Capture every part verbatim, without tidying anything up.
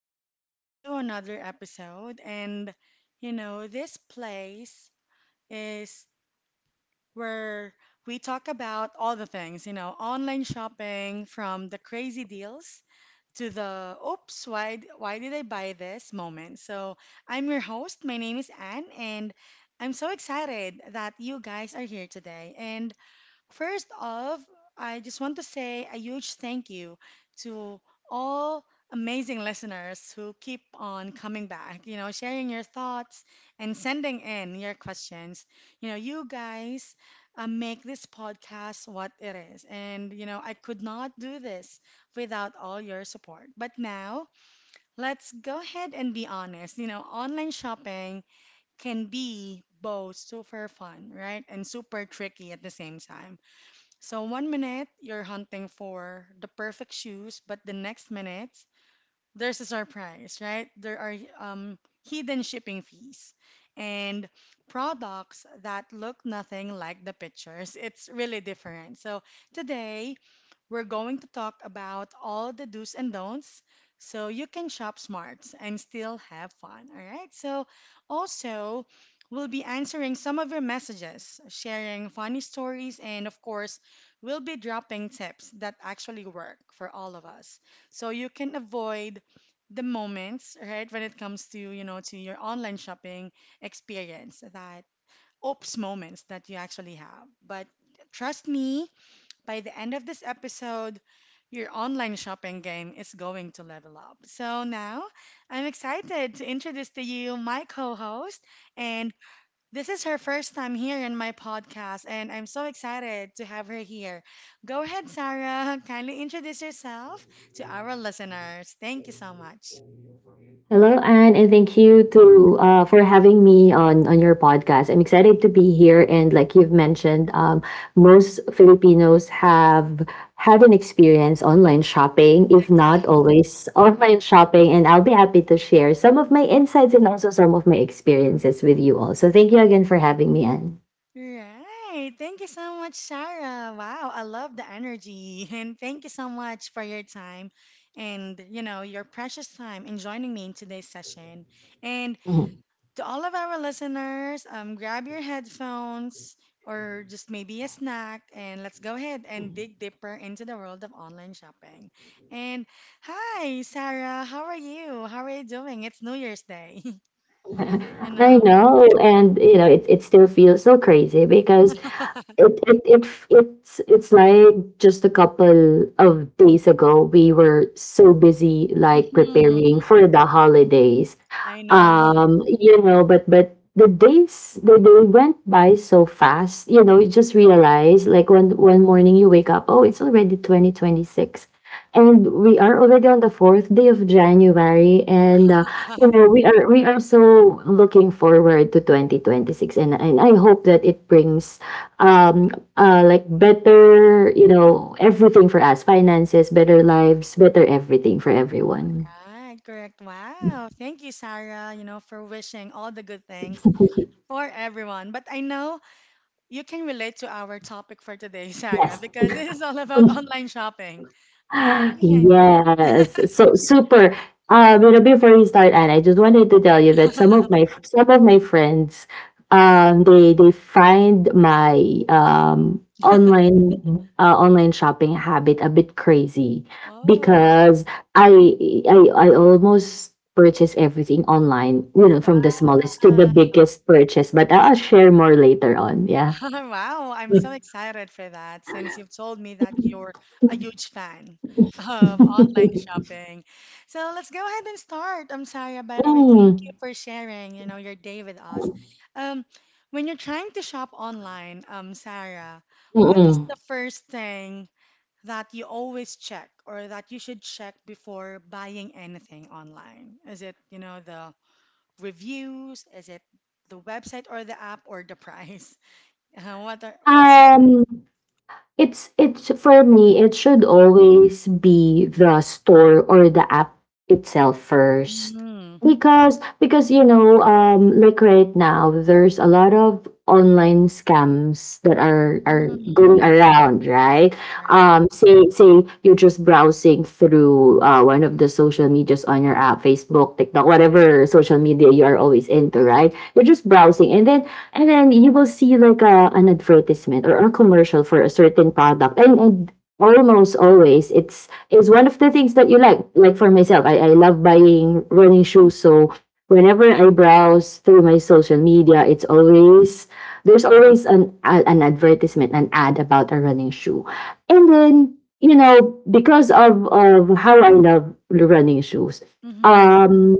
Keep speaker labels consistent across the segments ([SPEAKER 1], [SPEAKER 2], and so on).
[SPEAKER 1] welcome back to another episode. And you know, this place is where we talk about all the things, you know, online shopping from the crazy deals to the oops, why why did I buy this moment. So, I'm your host. My name is Anne and I'm so excited that you guys are here today. And First off, I just want to say a huge thank you to all amazing listeners who keep on coming back, you know, sharing your thoughts and sending in your questions. You know, you guys uh, make this podcast what it is. And, you know, I could not do this without all your support. But now, let's go ahead and be honest. You know, online shopping can be both super fun, right? And super tricky at the same time, so one minute you're hunting for the perfect shoes, but the next minute there's a surprise, right? There are um, hidden shipping fees and products that look nothing like the pictures. It's really different. So today we're going to talk about all the do's and don'ts so you can shop smart and still have fun. All right. So, also, we'll be answering some of your messages, sharing funny stories, and of course, we'll be dropping tips that actually work for all of us. So, you can avoid the moments, right, when it comes to, you know, to your online shopping experience, that oops moments that you actually have. But trust me, by the end of this episode, your online shopping game is going to level up. So now I'm excited to introduce to you my co host. And this is her first time here in my podcast. And I'm so excited to have her here. Go ahead, Sarah. Kindly introduce yourself to our listeners. Thank you so much.
[SPEAKER 2] Hello, Anne, and thank you to uh, for having me on on your podcast. I'm excited to be here, and like you've mentioned, um, most Filipinos have had an experience online shopping, if not always online shopping. And I'll be happy to share some of my insights and also some of my experiences with you all. So thank you again for having me, Anne.
[SPEAKER 1] Right. Thank you so much, Sarah. Wow, I love the energy. And thank you so much for your time and, you know, your precious time in joining me in today's session. And
[SPEAKER 2] Mhm.
[SPEAKER 1] to all of our listeners, um, grab your headphones or just maybe a snack and let's go ahead and dig deeper into the world of online shopping. And hi, Sarah. How are you? How are you doing? It's New Year's Day, you
[SPEAKER 2] I
[SPEAKER 1] know.
[SPEAKER 2] know, and you know, it it still feels so crazy because It it it it's it's like just a couple of days ago we were so busy like preparing for the holidays,
[SPEAKER 1] I know.
[SPEAKER 2] um you know, but but the days, they, they went by so fast. You know, you just realize like one one morning you wake up, oh, it's already twenty twenty-six, and we are already on the fourth day of January, and uh, you know, we are we are so looking forward to twenty twenty-six, and, and I hope that it brings um uh like better, you know, everything for us. Finances better, lives better, everything for everyone.
[SPEAKER 1] Right, correct. Wow. Thank you, Sarah, you know, for wishing all the good things for everyone. But I know you can relate to our topic for today, Sarah,
[SPEAKER 2] Yes.
[SPEAKER 1] because this is all about online shopping. All right.
[SPEAKER 2] Yes, so super. Um, you know, before we start, Anne, I just wanted to tell you that some of my some of my friends, um, they they find my um online uh, online shopping habit a bit crazy
[SPEAKER 1] Oh,
[SPEAKER 2] because I I I almost purchase everything online, you know, from the smallest to the
[SPEAKER 1] wow.
[SPEAKER 2] biggest purchase. But I'll share more later on. Yeah.
[SPEAKER 1] Wow, I'm so excited for that since you've told me that you're a huge fan of online shopping. So let's go ahead and start. I'm sorry, by the way, thank you
[SPEAKER 2] Mm.
[SPEAKER 1] for sharing, you know, your day with us. Um, when you're trying to shop online, um, Sarah, what is
[SPEAKER 2] Mm-mm.
[SPEAKER 1] the first thing that you always check or that you should check before buying anything online? Is it, you know, the reviews? Is it the website or the app or the price? Uh, what are, what's your
[SPEAKER 2] Um. It's it's for me, it should always be the store or the app itself first.
[SPEAKER 1] Mm.
[SPEAKER 2] Because because you know, um like right now there's a lot of online scams that are are going
[SPEAKER 1] Mm.
[SPEAKER 2] around, right?
[SPEAKER 1] Right?
[SPEAKER 2] Um, say say you're just browsing through uh, one of the social medias on your app, Facebook, TikTok, whatever social media you are always into, right? You're just browsing, and then and then you will see like a, an advertisement or a commercial for a certain product. And, and almost always it's it's one of the things that you like. Like for myself, I, I love buying running shoes. So whenever I browse through my social media, it's always there's always an a- an advertisement, an ad about a running shoe. And then, you know, because of of how I love running shoes,
[SPEAKER 1] Mm-hmm.
[SPEAKER 2] um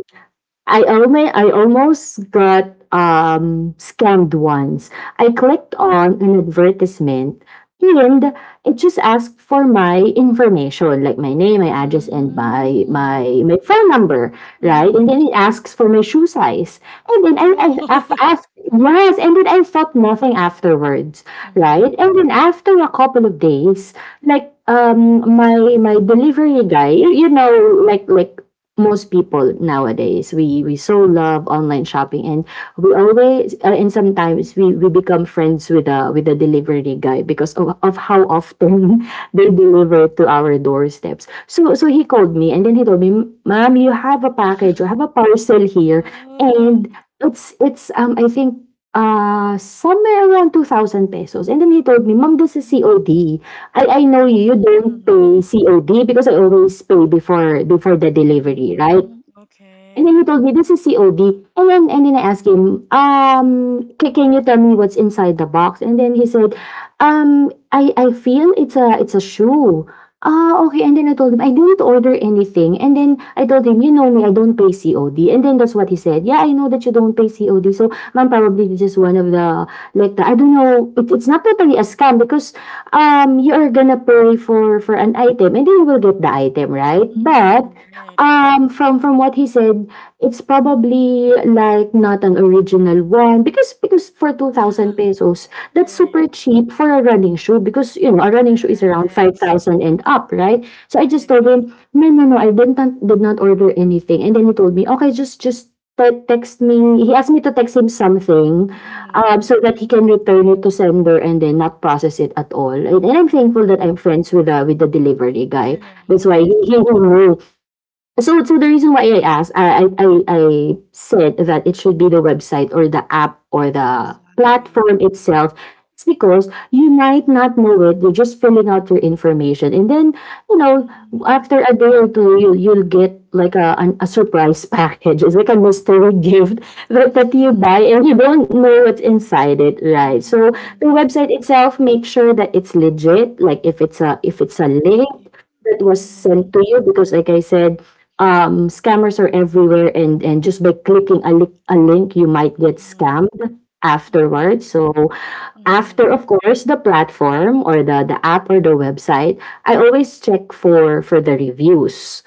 [SPEAKER 2] I only I almost got um scammed once. I clicked on an advertisement, and it just asked for my information, like my name, my address, and my
[SPEAKER 1] Mm.
[SPEAKER 2] my my phone number,
[SPEAKER 1] Mm-hmm.
[SPEAKER 2] right? And then it asks for my shoe size. And then, I, I
[SPEAKER 1] Oh.
[SPEAKER 2] I've asked, yes, and then I felt nothing afterwards,
[SPEAKER 1] Mm-hmm.
[SPEAKER 2] right? And then after a couple of days, like um my my delivery guy, you you know, like like most people nowadays, we we so love online shopping, and we always uh, and sometimes we we become friends with the with the delivery guy because of, of how often they deliver to our doorsteps. So so he called me and then he told me, "Ma'am, you have a package, you have a parcel here."
[SPEAKER 1] Oh,
[SPEAKER 2] And it's it's um I think uh somewhere around two thousand pesos. And then he told me, "Mom, this is
[SPEAKER 1] Mm.
[SPEAKER 2] COD." I I know you, you don't
[SPEAKER 1] Mm.
[SPEAKER 2] pay C O D, because I always pay before before the delivery, right?
[SPEAKER 1] Mm.
[SPEAKER 2] And
[SPEAKER 1] Okay.
[SPEAKER 2] then he told me, this is C O D. And then, and then I asked him, um, ca- can you tell me what's inside the box? And then he said,
[SPEAKER 1] Mm-hmm.
[SPEAKER 2] um, I, I feel it's a, it's a shoe. Ah, okay. And then I told him, I didn't order anything. And then I told him, you know me, I don't pay C O D. And then that's what he said. Yeah, I know that you don't pay C O D. So, ma'am, probably this is one of the, like, the, I don't know, it, it's not totally a scam because um, you are gonna pay for, for an item and then you will get the item, right? But
[SPEAKER 1] Mm-hmm. Right,
[SPEAKER 2] um, from from what he said, it's probably like not an original one, because because for two thousand pesos, that's
[SPEAKER 1] right,
[SPEAKER 2] super cheap for a running shoe, because, you know, a running shoe is around
[SPEAKER 1] correct.
[SPEAKER 2] five thousand and up, right? So I
[SPEAKER 1] I
[SPEAKER 2] just told
[SPEAKER 1] agree.
[SPEAKER 2] him, "No, no, no, I did not did not order anything." And then he told me, "Okay, just just te- text me." He asked me to text him something,
[SPEAKER 1] Mm-hmm.
[SPEAKER 2] um, so that he can return it to sender and then not process it at all. And, and I'm thankful
[SPEAKER 1] Mm-hmm.
[SPEAKER 2] that I'm friends with the with the delivery guy. That's why
[SPEAKER 1] Right,
[SPEAKER 2] he he knew. So, so the reason why I asked, I, I, I I said that it should be the website or the app or the
[SPEAKER 1] exactly.
[SPEAKER 2] platform itself. It's because you might not know it. You're just filling out your information, and then you know
[SPEAKER 1] Mm-hmm.
[SPEAKER 2] after a day or two, you you'll get like a an, a surprise package. It's like a mystery gift that, that you
[SPEAKER 1] Mm-hmm.
[SPEAKER 2] buy, and you don't know what's inside it, right? So the
[SPEAKER 1] Mm-hmm.
[SPEAKER 2] website itself, make sure that it's legit. Like if it's a if it's a link
[SPEAKER 1] Right.
[SPEAKER 2] that was
[SPEAKER 1] Mm-hmm.
[SPEAKER 2] sent to you, because like I said, um, scammers are everywhere, and and just by clicking a, li- a link, you might get
[SPEAKER 1] Mm-hmm.
[SPEAKER 2] scammed
[SPEAKER 1] Mhm.
[SPEAKER 2] afterwards. So
[SPEAKER 1] Mhm.
[SPEAKER 2] after of course the platform or the the app or the website, I always check for for the reviews.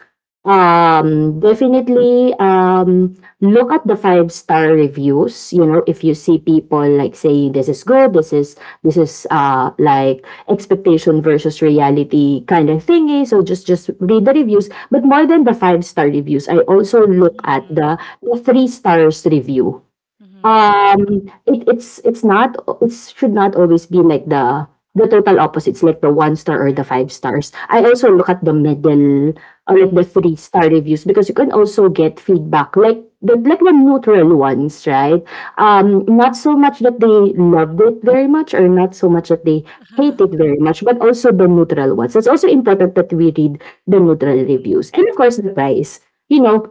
[SPEAKER 2] Um definitely um look at the five star reviews. You know, if you see people like saying this is good, this is this is uh like expectation versus reality kind of thingy. So just just read the reviews. But more than the five star reviews, I also look at
[SPEAKER 1] Mhm.
[SPEAKER 2] the the three stars review.
[SPEAKER 1] Mhm.
[SPEAKER 2] Um, it it's it's not, it should not always be like the the total opposites, like the one star or the
[SPEAKER 1] Right.
[SPEAKER 2] five stars. I also look at the middle, or like the
[SPEAKER 1] Mhm.
[SPEAKER 2] three star reviews, because you can also get feedback like the like the neutral ones, right? Um, not so much that they loved it very much, or not so much that they hate it very much, but also the neutral ones. It's also important that we read the neutral reviews.
[SPEAKER 1] Mhm.
[SPEAKER 2] And of course the price. You know,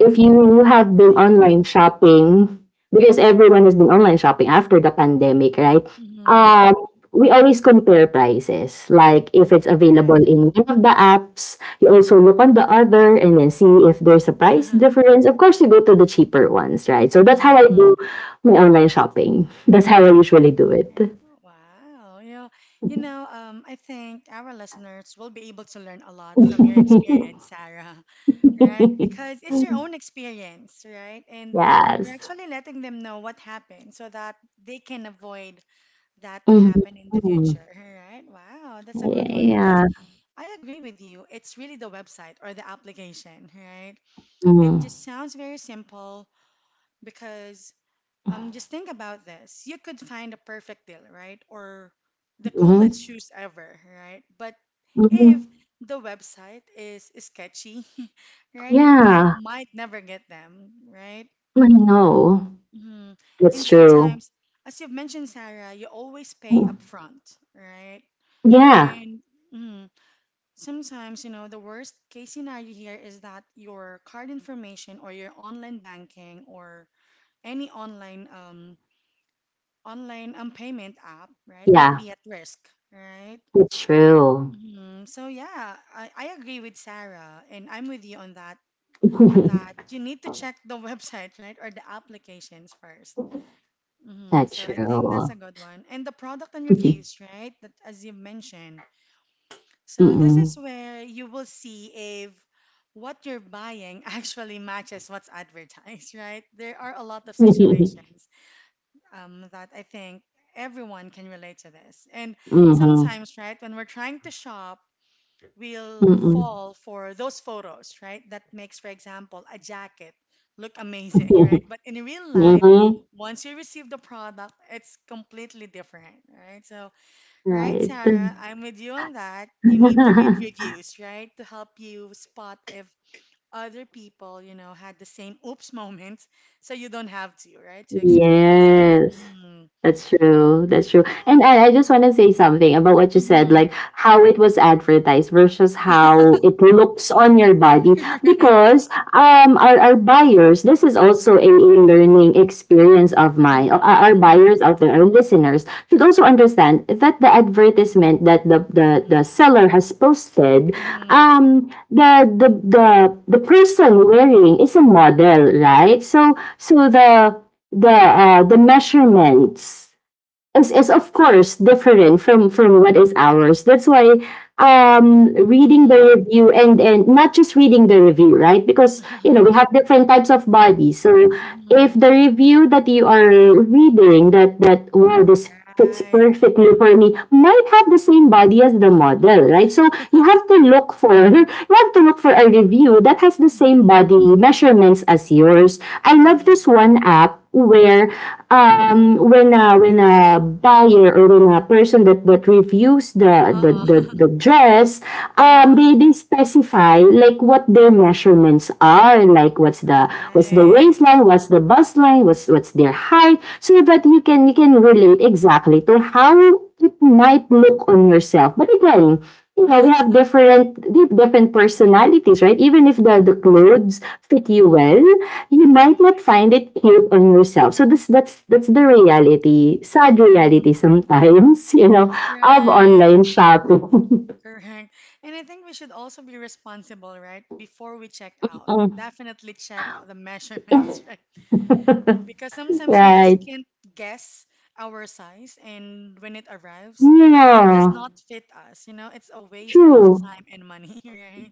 [SPEAKER 2] if you have been
[SPEAKER 1] Right.
[SPEAKER 2] online shopping, because everyone has been online shopping after the pandemic, right?
[SPEAKER 1] Mhm.
[SPEAKER 2] Um, we always compare prices. Like if it's available
[SPEAKER 1] Right.
[SPEAKER 2] in one of the apps, you also look on the other and then see if there's a price difference. Of course, you go to the cheaper ones, right? So that's how I do
[SPEAKER 1] Mhm.
[SPEAKER 2] my online shopping. That's how I usually do it.
[SPEAKER 1] Right. Wow. Yeah. You know, um, I think our listeners will be able to learn a lot from your experience, Sarah, right? Because it's your own experience, right? And
[SPEAKER 2] Yes.
[SPEAKER 1] you're actually letting them know what happened so that they can avoid that to
[SPEAKER 2] Mhm.
[SPEAKER 1] happen in the
[SPEAKER 2] Mhm.
[SPEAKER 1] future, right? Wow, that's a good one because
[SPEAKER 2] Yeah.
[SPEAKER 1] I agree with you. It's really the website or the application, right? It
[SPEAKER 2] Mm-hmm.
[SPEAKER 1] just sounds very simple because um just think about this. You could find a perfect deal, right? Or the coolest
[SPEAKER 2] Mm-hmm.
[SPEAKER 1] shoes ever, right? But if
[SPEAKER 2] Mm-hmm.
[SPEAKER 1] the website is sketchy, right? You
[SPEAKER 2] Yeah,
[SPEAKER 1] might never get them, right?
[SPEAKER 2] I know.
[SPEAKER 1] Mhm.
[SPEAKER 2] That's
[SPEAKER 1] And
[SPEAKER 2] true.
[SPEAKER 1] sometimes, as you've mentioned, Sarah, you always pay
[SPEAKER 2] Mm.
[SPEAKER 1] upfront, right?
[SPEAKER 2] Yeah,
[SPEAKER 1] And mm, sometimes, you know, the worst case scenario here is that your card information or your online banking or any online um online um payment app, right, might
[SPEAKER 2] yeah,
[SPEAKER 1] be at risk, right?
[SPEAKER 2] that's true.
[SPEAKER 1] Hmm. So yeah, I, I agree with Sarah, and I'm with you on that. That you need to check the website, right, or the applications first. Hmm.
[SPEAKER 2] That's
[SPEAKER 1] So I think that's a
[SPEAKER 2] true.
[SPEAKER 1] good one. And the product and reviews, right? That as you mentioned. So this is
[SPEAKER 2] Mm-mm.
[SPEAKER 1] where you will see if what you're buying actually matches what's advertised, right? There are a lot of
[SPEAKER 2] Mm-hmm.
[SPEAKER 1] situations um, that I think everyone can relate to this. And sometimes, right, when we're trying to shop, we'll
[SPEAKER 2] Mm-hmm.
[SPEAKER 1] fall for those photos, right? That makes, for example, a jacket look amazing, right? But in real life,
[SPEAKER 2] Mm-hmm.
[SPEAKER 1] once you receive the product, it's completely different, right? So right,
[SPEAKER 2] Right.
[SPEAKER 1] Sarah? I'm with you on that. You need to read reviews, right? To help you spot if other people, you know, had the same oops moments so you don't have to, right? To experience it.
[SPEAKER 2] Yes.
[SPEAKER 1] Mm,
[SPEAKER 2] That's true. That's true. And
[SPEAKER 1] right.
[SPEAKER 2] I, I just want to say something about what you said,
[SPEAKER 1] Mm-hmm.
[SPEAKER 2] like how it was advertised versus how it looks on your body.
[SPEAKER 1] Right.
[SPEAKER 2] Because um our, our buyers, this is also a, a learning experience of mine. Our,
[SPEAKER 1] Mm-hmm.
[SPEAKER 2] our
[SPEAKER 1] Mm-hmm.
[SPEAKER 2] buyers out there, our listeners, should also understand that the advertisement that the the, the seller has posted,
[SPEAKER 1] Mm-hmm.
[SPEAKER 2] um, the, the the the person wearing is a model, right? So so the the uh, the measurements is, is of course different from from what is ours. That's why, um, reading
[SPEAKER 1] Mm-hmm.
[SPEAKER 2] the review and and not just reading the review, right, because you know we have different types of bodies. So if
[SPEAKER 1] Mm-hmm.
[SPEAKER 2] the review that you are reading, that that wow, this fits
[SPEAKER 1] Right.
[SPEAKER 2] perfectly for me, might have the same body as the model, right? So you have to look for you have to look for a review that has the same
[SPEAKER 1] Mm-hmm.
[SPEAKER 2] body measurements as yours. I love
[SPEAKER 1] Mm-hmm.
[SPEAKER 2] this one app where, um, when a when a buyer, or when a person that that that reviews the the
[SPEAKER 1] Uh-oh.
[SPEAKER 2] the, the dress, um,
[SPEAKER 1] Uh-huh.
[SPEAKER 2] they they specify like what their measurements are, like what's the what's the
[SPEAKER 1] Right.
[SPEAKER 2] waistline, what's the bust line, what's what's their height, so that you can you can relate exactly to how it might look on yourself. But again, you know, we have different di- different personalities, right? Even if the, the clothes fit you
[SPEAKER 1] Mm-hmm.
[SPEAKER 2] well, you might not
[SPEAKER 1] Right.
[SPEAKER 2] find it cute on yourself. So this that's that's the reality, sad reality
[SPEAKER 1] Mm-hmm.
[SPEAKER 2] sometimes, you know, of
[SPEAKER 1] Right,
[SPEAKER 2] online shopping.
[SPEAKER 1] correct. And I think we should also be responsible, right? Before we check out, definitely check the measurements, right? Because sometimes we just
[SPEAKER 2] Right.
[SPEAKER 1] can't guess our size, and when it arrives, it does
[SPEAKER 2] Yeah,
[SPEAKER 1] not fit us. You know, it's a waste of
[SPEAKER 2] true.
[SPEAKER 1] time and money, right?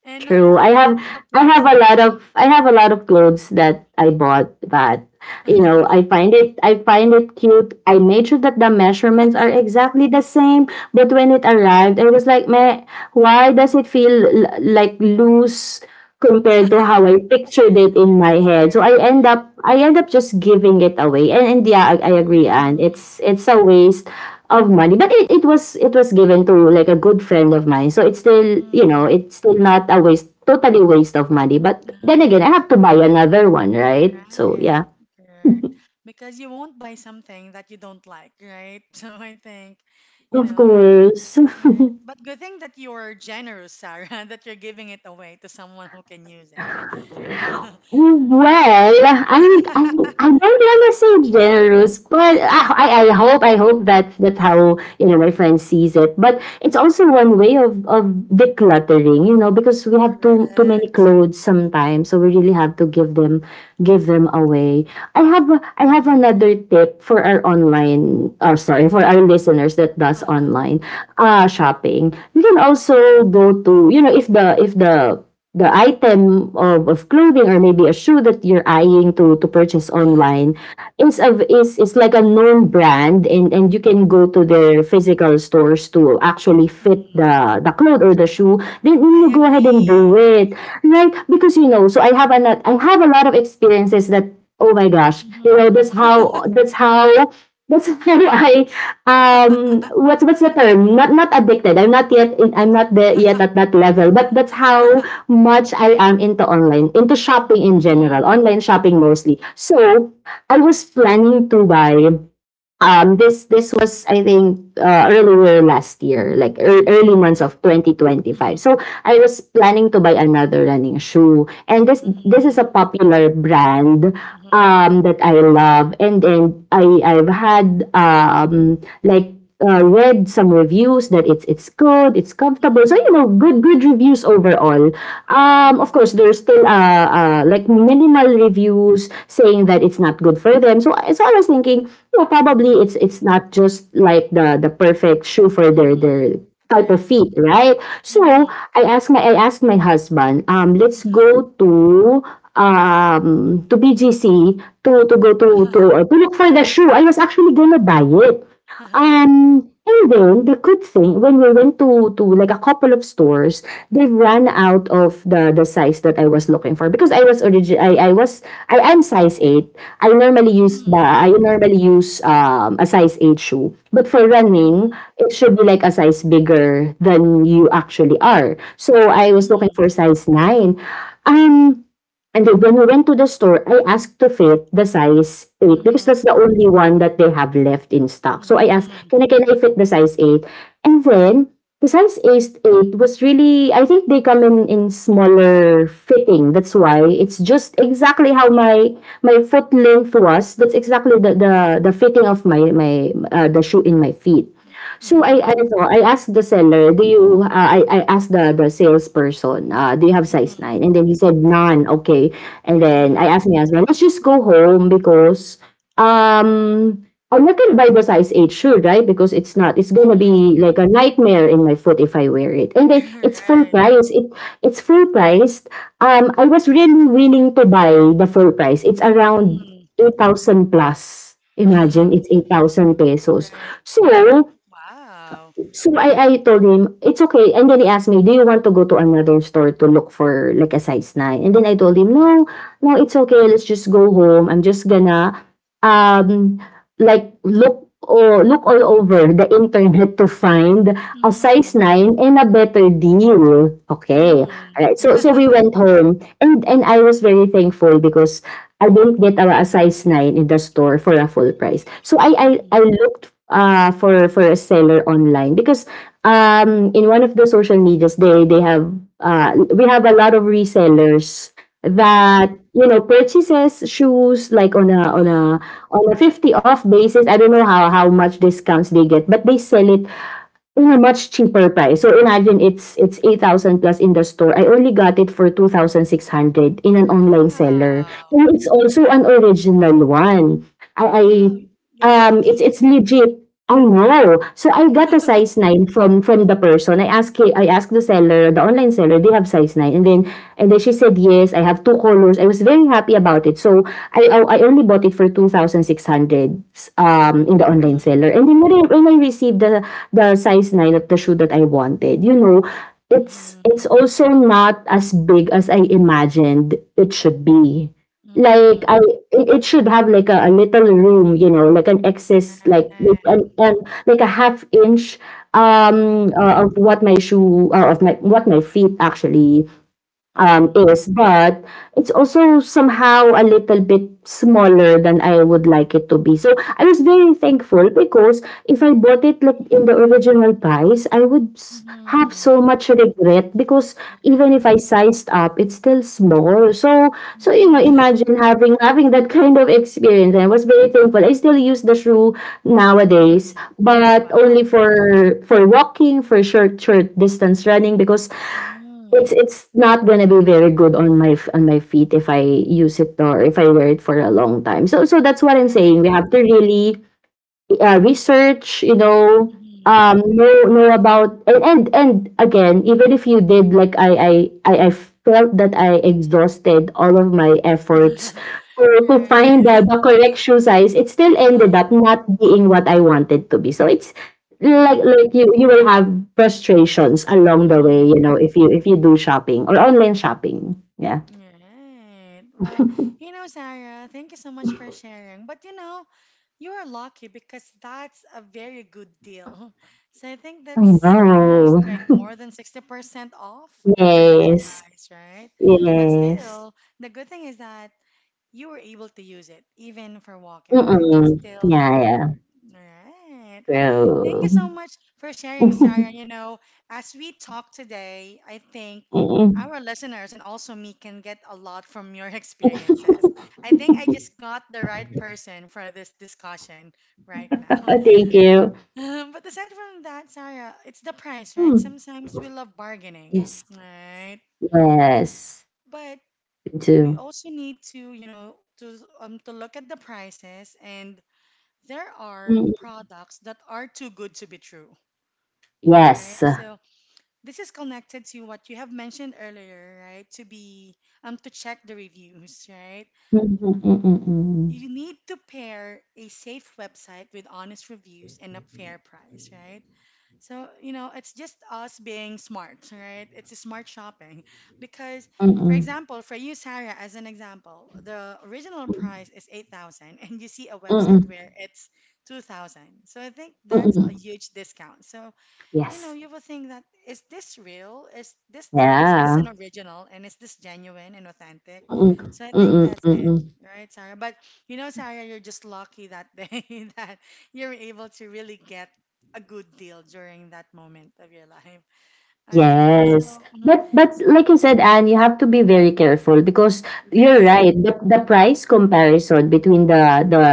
[SPEAKER 1] And not
[SPEAKER 2] True.
[SPEAKER 1] only
[SPEAKER 2] I
[SPEAKER 1] that,
[SPEAKER 2] have
[SPEAKER 1] the
[SPEAKER 2] I
[SPEAKER 1] price.
[SPEAKER 2] have a lot of I have a lot of clothes that I bought that, you know,
[SPEAKER 1] Mhm.
[SPEAKER 2] I find it, I find it cute. I made sure that the measurements are exactly the same, but when it arrived, I was like, "Meh, why does it feel l- like loose compared to how I pictured it in my head?" So I end
[SPEAKER 1] Right.
[SPEAKER 2] up I end up just giving it away. And, and yeah, I, I agree, and it's it's a waste of money, but it, it was it was given to like a good friend of mine, so it's still, you know
[SPEAKER 1] Mm-hmm.
[SPEAKER 2] it's still not a waste, totally waste of money. But then again, I
[SPEAKER 1] Uh,
[SPEAKER 2] have to buy another one, right? So
[SPEAKER 1] right,
[SPEAKER 2] yeah,
[SPEAKER 1] correct. Because you won't buy something that you don't like, right? So I think, you
[SPEAKER 2] of
[SPEAKER 1] know, um,
[SPEAKER 2] course.
[SPEAKER 1] right. But good thing that you're generous, Sarah, that you're giving it away to someone who can use it.
[SPEAKER 2] Well, I mean, I, I don't want to say generous, but I, I, I hope I hope that that how you know my friend sees it. But it's also one way of of decluttering, you know, because we have too too many
[SPEAKER 1] Correct.
[SPEAKER 2] clothes sometimes, so we really have to give them give them away. I have a- I have
[SPEAKER 1] Mm-hmm.
[SPEAKER 2] another tip for our online, or sorry, for our
[SPEAKER 1] Mm-hmm.
[SPEAKER 2] listeners that does
[SPEAKER 1] Uh-huh.
[SPEAKER 2] online uh shopping. You can also go to, you know if the if the the item of, of clothing, or maybe a shoe that you're eyeing to to purchase online, is
[SPEAKER 1] Hmm.
[SPEAKER 2] of is is like a known brand, and and you can go to their physical stores to actually fit
[SPEAKER 1] Hmm.
[SPEAKER 2] the the cloth or the shoe, then
[SPEAKER 1] I
[SPEAKER 2] you go ahead and
[SPEAKER 1] agree.
[SPEAKER 2] do it, right? Because you know so i have a lot I have a lot of experiences that, oh my gosh, you know
[SPEAKER 1] Hmm.
[SPEAKER 2] that's how that's how That's how I, um, what's what's the term? Not not addicted. I'm not yet in, I'm not there yet at that level, but that's how much I am into online, into shopping in general,
[SPEAKER 1] Mhm.
[SPEAKER 2] online shopping mostly. So, I was planning to buy, um this this was, I think, uh, earlier last year, like ear- early months
[SPEAKER 1] Mhm.
[SPEAKER 2] of twenty twenty-five.
[SPEAKER 1] Mhm.
[SPEAKER 2] So I was planning to buy another running shoe, and this this is
[SPEAKER 1] Mhm.
[SPEAKER 2] a popular brand,
[SPEAKER 1] Mhm.
[SPEAKER 2] um that I love, and then I I've had, um like uh, read some reviews that it's it's good, it's comfortable. So, you
[SPEAKER 1] Mhm.
[SPEAKER 2] know, good good reviews overall. Um, of
[SPEAKER 1] Mhm.
[SPEAKER 2] course, there's still uh, uh like minimal reviews saying that it's not good for them. So I- so I was thinking, you know, probably
[SPEAKER 1] Mhm.
[SPEAKER 2] it's it's not just like the the perfect shoe for their
[SPEAKER 1] Mhm.
[SPEAKER 2] their type of
[SPEAKER 1] Right.
[SPEAKER 2] feet, right? So
[SPEAKER 1] Mhm.
[SPEAKER 2] I asked my I asked my husband, um, let's go to, um to B G C, to to go to to, uh, to look for the shoe. I was actually gonna buy it. Um, and then the good thing, when we went to, to like a couple of stores, they ran out of the the size that I was looking for because I was origi- I I was, I am size eight. I normally use the I normally use, um a size eight shoe. But for running,
[SPEAKER 1] Mhm.
[SPEAKER 2] it should be like a size bigger than you actually are. So I was looking
[SPEAKER 1] Mhm.
[SPEAKER 2] for size nine. Um And then when we went to the store, I asked to fit the size eight because
[SPEAKER 1] Mhm.
[SPEAKER 2] that's the only one that they have left in stock. So I asked,
[SPEAKER 1] Mhm.
[SPEAKER 2] can I, can I fit the size eight? And then, the size eight was really, I think they come in, in smaller fitting. That's why it's just exactly how my, my foot length was. That's exactly the,
[SPEAKER 1] Mhm.
[SPEAKER 2] the, the fitting of my, my, uh, the shoe in my feet. So I ano, I asked the seller, "Do you uh, I I asked the the salesperson, uh, "Do you have size nine?" And then he said, "None." Okay. And
[SPEAKER 1] Mhm.
[SPEAKER 2] then
[SPEAKER 1] Mhm.
[SPEAKER 2] I asked my husband, "Let's just go home, because um I'm not gonna buy the size eight shoe, right? Because it's not it's gonna be
[SPEAKER 1] Mhm.
[SPEAKER 2] like a nightmare in my foot if I wear it." And then it's full
[SPEAKER 1] Right.
[SPEAKER 2] price. It it's full priced. Um I was really willing to buy the full price. It's around
[SPEAKER 1] Mhm.
[SPEAKER 2] eight thousand plus. Imagine it's eight thousand pesos.
[SPEAKER 1] Right.
[SPEAKER 2] So,
[SPEAKER 1] Mhm. Wow.
[SPEAKER 2] so I, I told him, it's okay. And then he asked me, do you want to go to another store to look for like a size nine? And then I told him,
[SPEAKER 1] Mhm.
[SPEAKER 2] no, no, it's okay. Let's just go home. I'm just gonna, um, like look, or look all over the internet to find a size
[SPEAKER 1] Mhm.
[SPEAKER 2] nine and a better deal. Okay. Alright.
[SPEAKER 1] Mhm.
[SPEAKER 2] So, so we went home, and, and I was very thankful because I didn't get a, a size nine in the store for a full price. So I, I,
[SPEAKER 1] Mhm.
[SPEAKER 2] I looked, uh, for for a seller online because, um, in one of the social medias, they they have, uh, we have a lot of resellers
[SPEAKER 1] Mhm.
[SPEAKER 2] that, you know purchases shoes like on a on a on a fifty off basis. I don't know how how much discounts they get, but they sell it in a much cheaper price. So imagine it's it's eight thousand plus in the store. I only got it for two thousand six hundred in an online seller. And
[SPEAKER 1] Wow.
[SPEAKER 2] it's also an original one. I, I
[SPEAKER 1] Wow. You're
[SPEAKER 2] um it's
[SPEAKER 1] lucky.
[SPEAKER 2] it's legit. I know. So I got a size nine from from the person. I asked hi- I asked the seller, the online seller, they have size nine. And then and then she said, "Yes, I have two colors." I was very happy about it. So I I I only bought it for two thousand six hundred, um in the online seller.
[SPEAKER 1] Mm.
[SPEAKER 2] And then when I, when I received the the size nine of the shoe that I wanted. You know, it's it's
[SPEAKER 1] Mhm.
[SPEAKER 2] also not as big as I imagined it should be. Like I
[SPEAKER 1] Mhm.
[SPEAKER 2] it, it should have like a, a little room, you know, like an excess, like with an,
[SPEAKER 1] Right.
[SPEAKER 2] an like a half inch, um
[SPEAKER 1] Mhm.
[SPEAKER 2] uh, of what my shoe, or of my, what my feet actually um,
[SPEAKER 1] Mhm.
[SPEAKER 2] is, but it's also somehow a little bit smaller than I would like it to be. So I was very thankful because if I bought it like in the original price, I would s- have
[SPEAKER 1] Mhm.
[SPEAKER 2] so much regret because,
[SPEAKER 1] Right.
[SPEAKER 2] even if I sized up, it's still small. So, so you know,
[SPEAKER 1] Mhm.
[SPEAKER 2] imagine having having that kind of experience. I was very thankful. I still use the shoe nowadays,
[SPEAKER 1] Mhm.
[SPEAKER 2] but
[SPEAKER 1] Wow.
[SPEAKER 2] only for for walking, for short short distance running because
[SPEAKER 1] Mhm.
[SPEAKER 2] It's it's not gonna be very good on my f- on my feet if I use it, or if I wear it for a long time. So, so that's what I'm
[SPEAKER 1] Right.
[SPEAKER 2] saying, we have to really, uh, research, you know,
[SPEAKER 1] Mhm.
[SPEAKER 2] um, know know about, and, and and again, even if you did, like, I I I, I felt that I exhausted all of my efforts to, to find the,
[SPEAKER 1] Right.
[SPEAKER 2] the correct shoe size, it still ended
[SPEAKER 1] Uh-huh.
[SPEAKER 2] up not being what I wanted to be. So it's like
[SPEAKER 1] Mhm.
[SPEAKER 2] like you you will have frustrations along the way, you
[SPEAKER 1] Mhm.
[SPEAKER 2] know, if you if you do shopping or online shopping. Yeah.
[SPEAKER 1] Right. Well, you know, Sarah, thank you so much for sharing. But you know, you are lucky because that's a very good deal. So I think
[SPEAKER 2] I
[SPEAKER 1] that's almost
[SPEAKER 2] know.
[SPEAKER 1] like more than sixty percent off the original
[SPEAKER 2] Yes.
[SPEAKER 1] price, right? But
[SPEAKER 2] Yes.
[SPEAKER 1] still, the good thing is that you were able to use it even for walking, right? That's
[SPEAKER 2] Mm-mm.
[SPEAKER 1] still
[SPEAKER 2] Yeah,
[SPEAKER 1] helpful.
[SPEAKER 2] yeah.
[SPEAKER 1] All right. Well, thank you
[SPEAKER 2] True.
[SPEAKER 1] so much for sharing, Sarah. You know, as we talk today, I think
[SPEAKER 2] Mm.
[SPEAKER 1] our listeners and also me can get a lot from your experiences. I think I just got the right person for this discussion right now.
[SPEAKER 2] Thank you.
[SPEAKER 1] Um, but aside from that, Sarah, it's the price, right?
[SPEAKER 2] Mm.
[SPEAKER 1] Sometimes we love bargaining,
[SPEAKER 2] Yes.
[SPEAKER 1] right?
[SPEAKER 2] Yes.
[SPEAKER 1] But
[SPEAKER 2] Me
[SPEAKER 1] we
[SPEAKER 2] too.
[SPEAKER 1] also need to, you know, to um to look at the prices and there are
[SPEAKER 2] Mm.
[SPEAKER 1] products that are too good to be true, right?
[SPEAKER 2] Yes.
[SPEAKER 1] So this is connected to what you have mentioned earlier, right? To be um to check the reviews, right?
[SPEAKER 2] Mm, mm, mm, mm,
[SPEAKER 1] You
[SPEAKER 2] mm.
[SPEAKER 1] need to pair a safe website with honest reviews and a fair price, right? So, you know, it's just us being smart, right? It's a smart shopping. Because,
[SPEAKER 2] Mm,
[SPEAKER 1] for
[SPEAKER 2] mm.
[SPEAKER 1] example, for you, Sarah, as an example, the original price is eight thousand and you see a
[SPEAKER 2] Mm,
[SPEAKER 1] website where
[SPEAKER 2] mm,
[SPEAKER 1] it's two thousand. So I think
[SPEAKER 2] mm,
[SPEAKER 1] that's a
[SPEAKER 2] mm.
[SPEAKER 1] huge discount. So you know,
[SPEAKER 2] Yes.
[SPEAKER 1] you will think, that is this real? Is this the is this an
[SPEAKER 2] Yeah.
[SPEAKER 1] original and is this genuine and authentic?
[SPEAKER 2] Mm,
[SPEAKER 1] So I
[SPEAKER 2] mm,
[SPEAKER 1] think
[SPEAKER 2] mm,
[SPEAKER 1] that's
[SPEAKER 2] mm,
[SPEAKER 1] it,
[SPEAKER 2] mm.
[SPEAKER 1] right, Sarah? But you know, Sarah, you're just lucky that day that you're able to really get a good deal during that moment of your life. All right. So,
[SPEAKER 2] Yes.
[SPEAKER 1] mhm,
[SPEAKER 2] But but
[SPEAKER 1] so
[SPEAKER 2] like you said, Anne, you have to be very careful because you're
[SPEAKER 1] right.
[SPEAKER 2] right. The, the price comparison between the the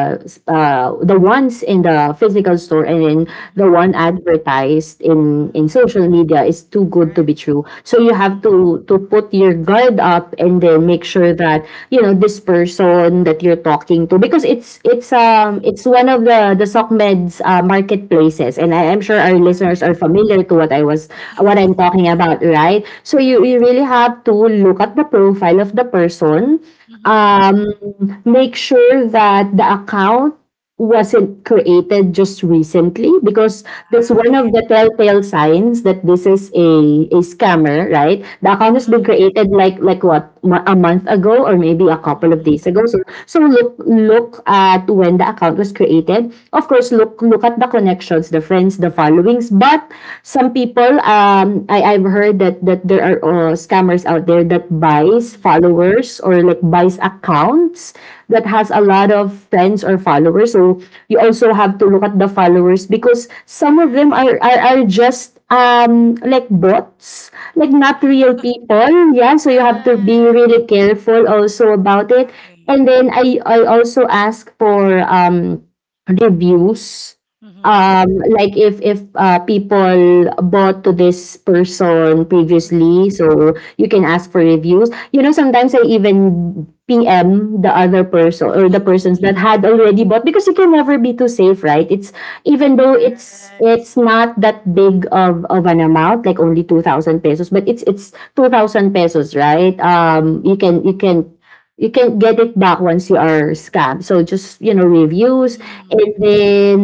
[SPEAKER 2] uh, the ones in the physical store and in the one
[SPEAKER 1] Mhm,
[SPEAKER 2] advertised in in
[SPEAKER 1] mhm,
[SPEAKER 2] social media is too good to
[SPEAKER 1] right.
[SPEAKER 2] be true. So you
[SPEAKER 1] Mhm,
[SPEAKER 2] have to, to put your guard up and then make
[SPEAKER 1] mhm,
[SPEAKER 2] sure that you know this person that you're talking to, because it's it's
[SPEAKER 1] uh-huh,
[SPEAKER 2] um it's one of the the SOCMED's, uh, marketplaces, and I, am sure our listeners
[SPEAKER 1] right.
[SPEAKER 2] are familiar to what I was what I'm talking about, right? So you
[SPEAKER 1] Right.
[SPEAKER 2] you really have to look at the profile of the person,
[SPEAKER 1] Mhm,
[SPEAKER 2] um, make sure that the account wasn't created just recently, because that's one of
[SPEAKER 1] right.
[SPEAKER 2] the telltale signs that this is a, a scammer, right? The account has been
[SPEAKER 1] Uh-huh,
[SPEAKER 2] created, like, like what mo- a month ago, or maybe a couple of
[SPEAKER 1] mhm,
[SPEAKER 2] days ago. So, so look look at when the account was created. Of course, look look at the connections, the friends, the followings. But some people, um, I, I've heard that, that there are, uh, scammers out there that buys
[SPEAKER 1] mhm.
[SPEAKER 2] followers, or like buys accounts that has a lot of friends or followers. So you also have to look at the followers because some of them
[SPEAKER 1] Right.
[SPEAKER 2] are, are, are just, um like bots, like not real people. Yeah, so you have to be
[SPEAKER 1] Right.
[SPEAKER 2] really careful also about it.
[SPEAKER 1] Exactly.
[SPEAKER 2] And then i I also ask for, um reviews,
[SPEAKER 1] Mm-hmm.
[SPEAKER 2] um like if if uh, people bought to this person
[SPEAKER 1] Mm-hmm.
[SPEAKER 2] previously, so you can ask for reviews. You know, sometimes I even PM the other person, or the persons that had already bought, because you can never be too safe, right? it's Even though it's it's
[SPEAKER 1] Correct.
[SPEAKER 2] not that big of of an amount, like only two thousand pesos, but it's it's two thousand pesos, right? um you can you can you can get it back once you are scammed. So just, you know reviews,
[SPEAKER 1] Mm-hmm.
[SPEAKER 2] and then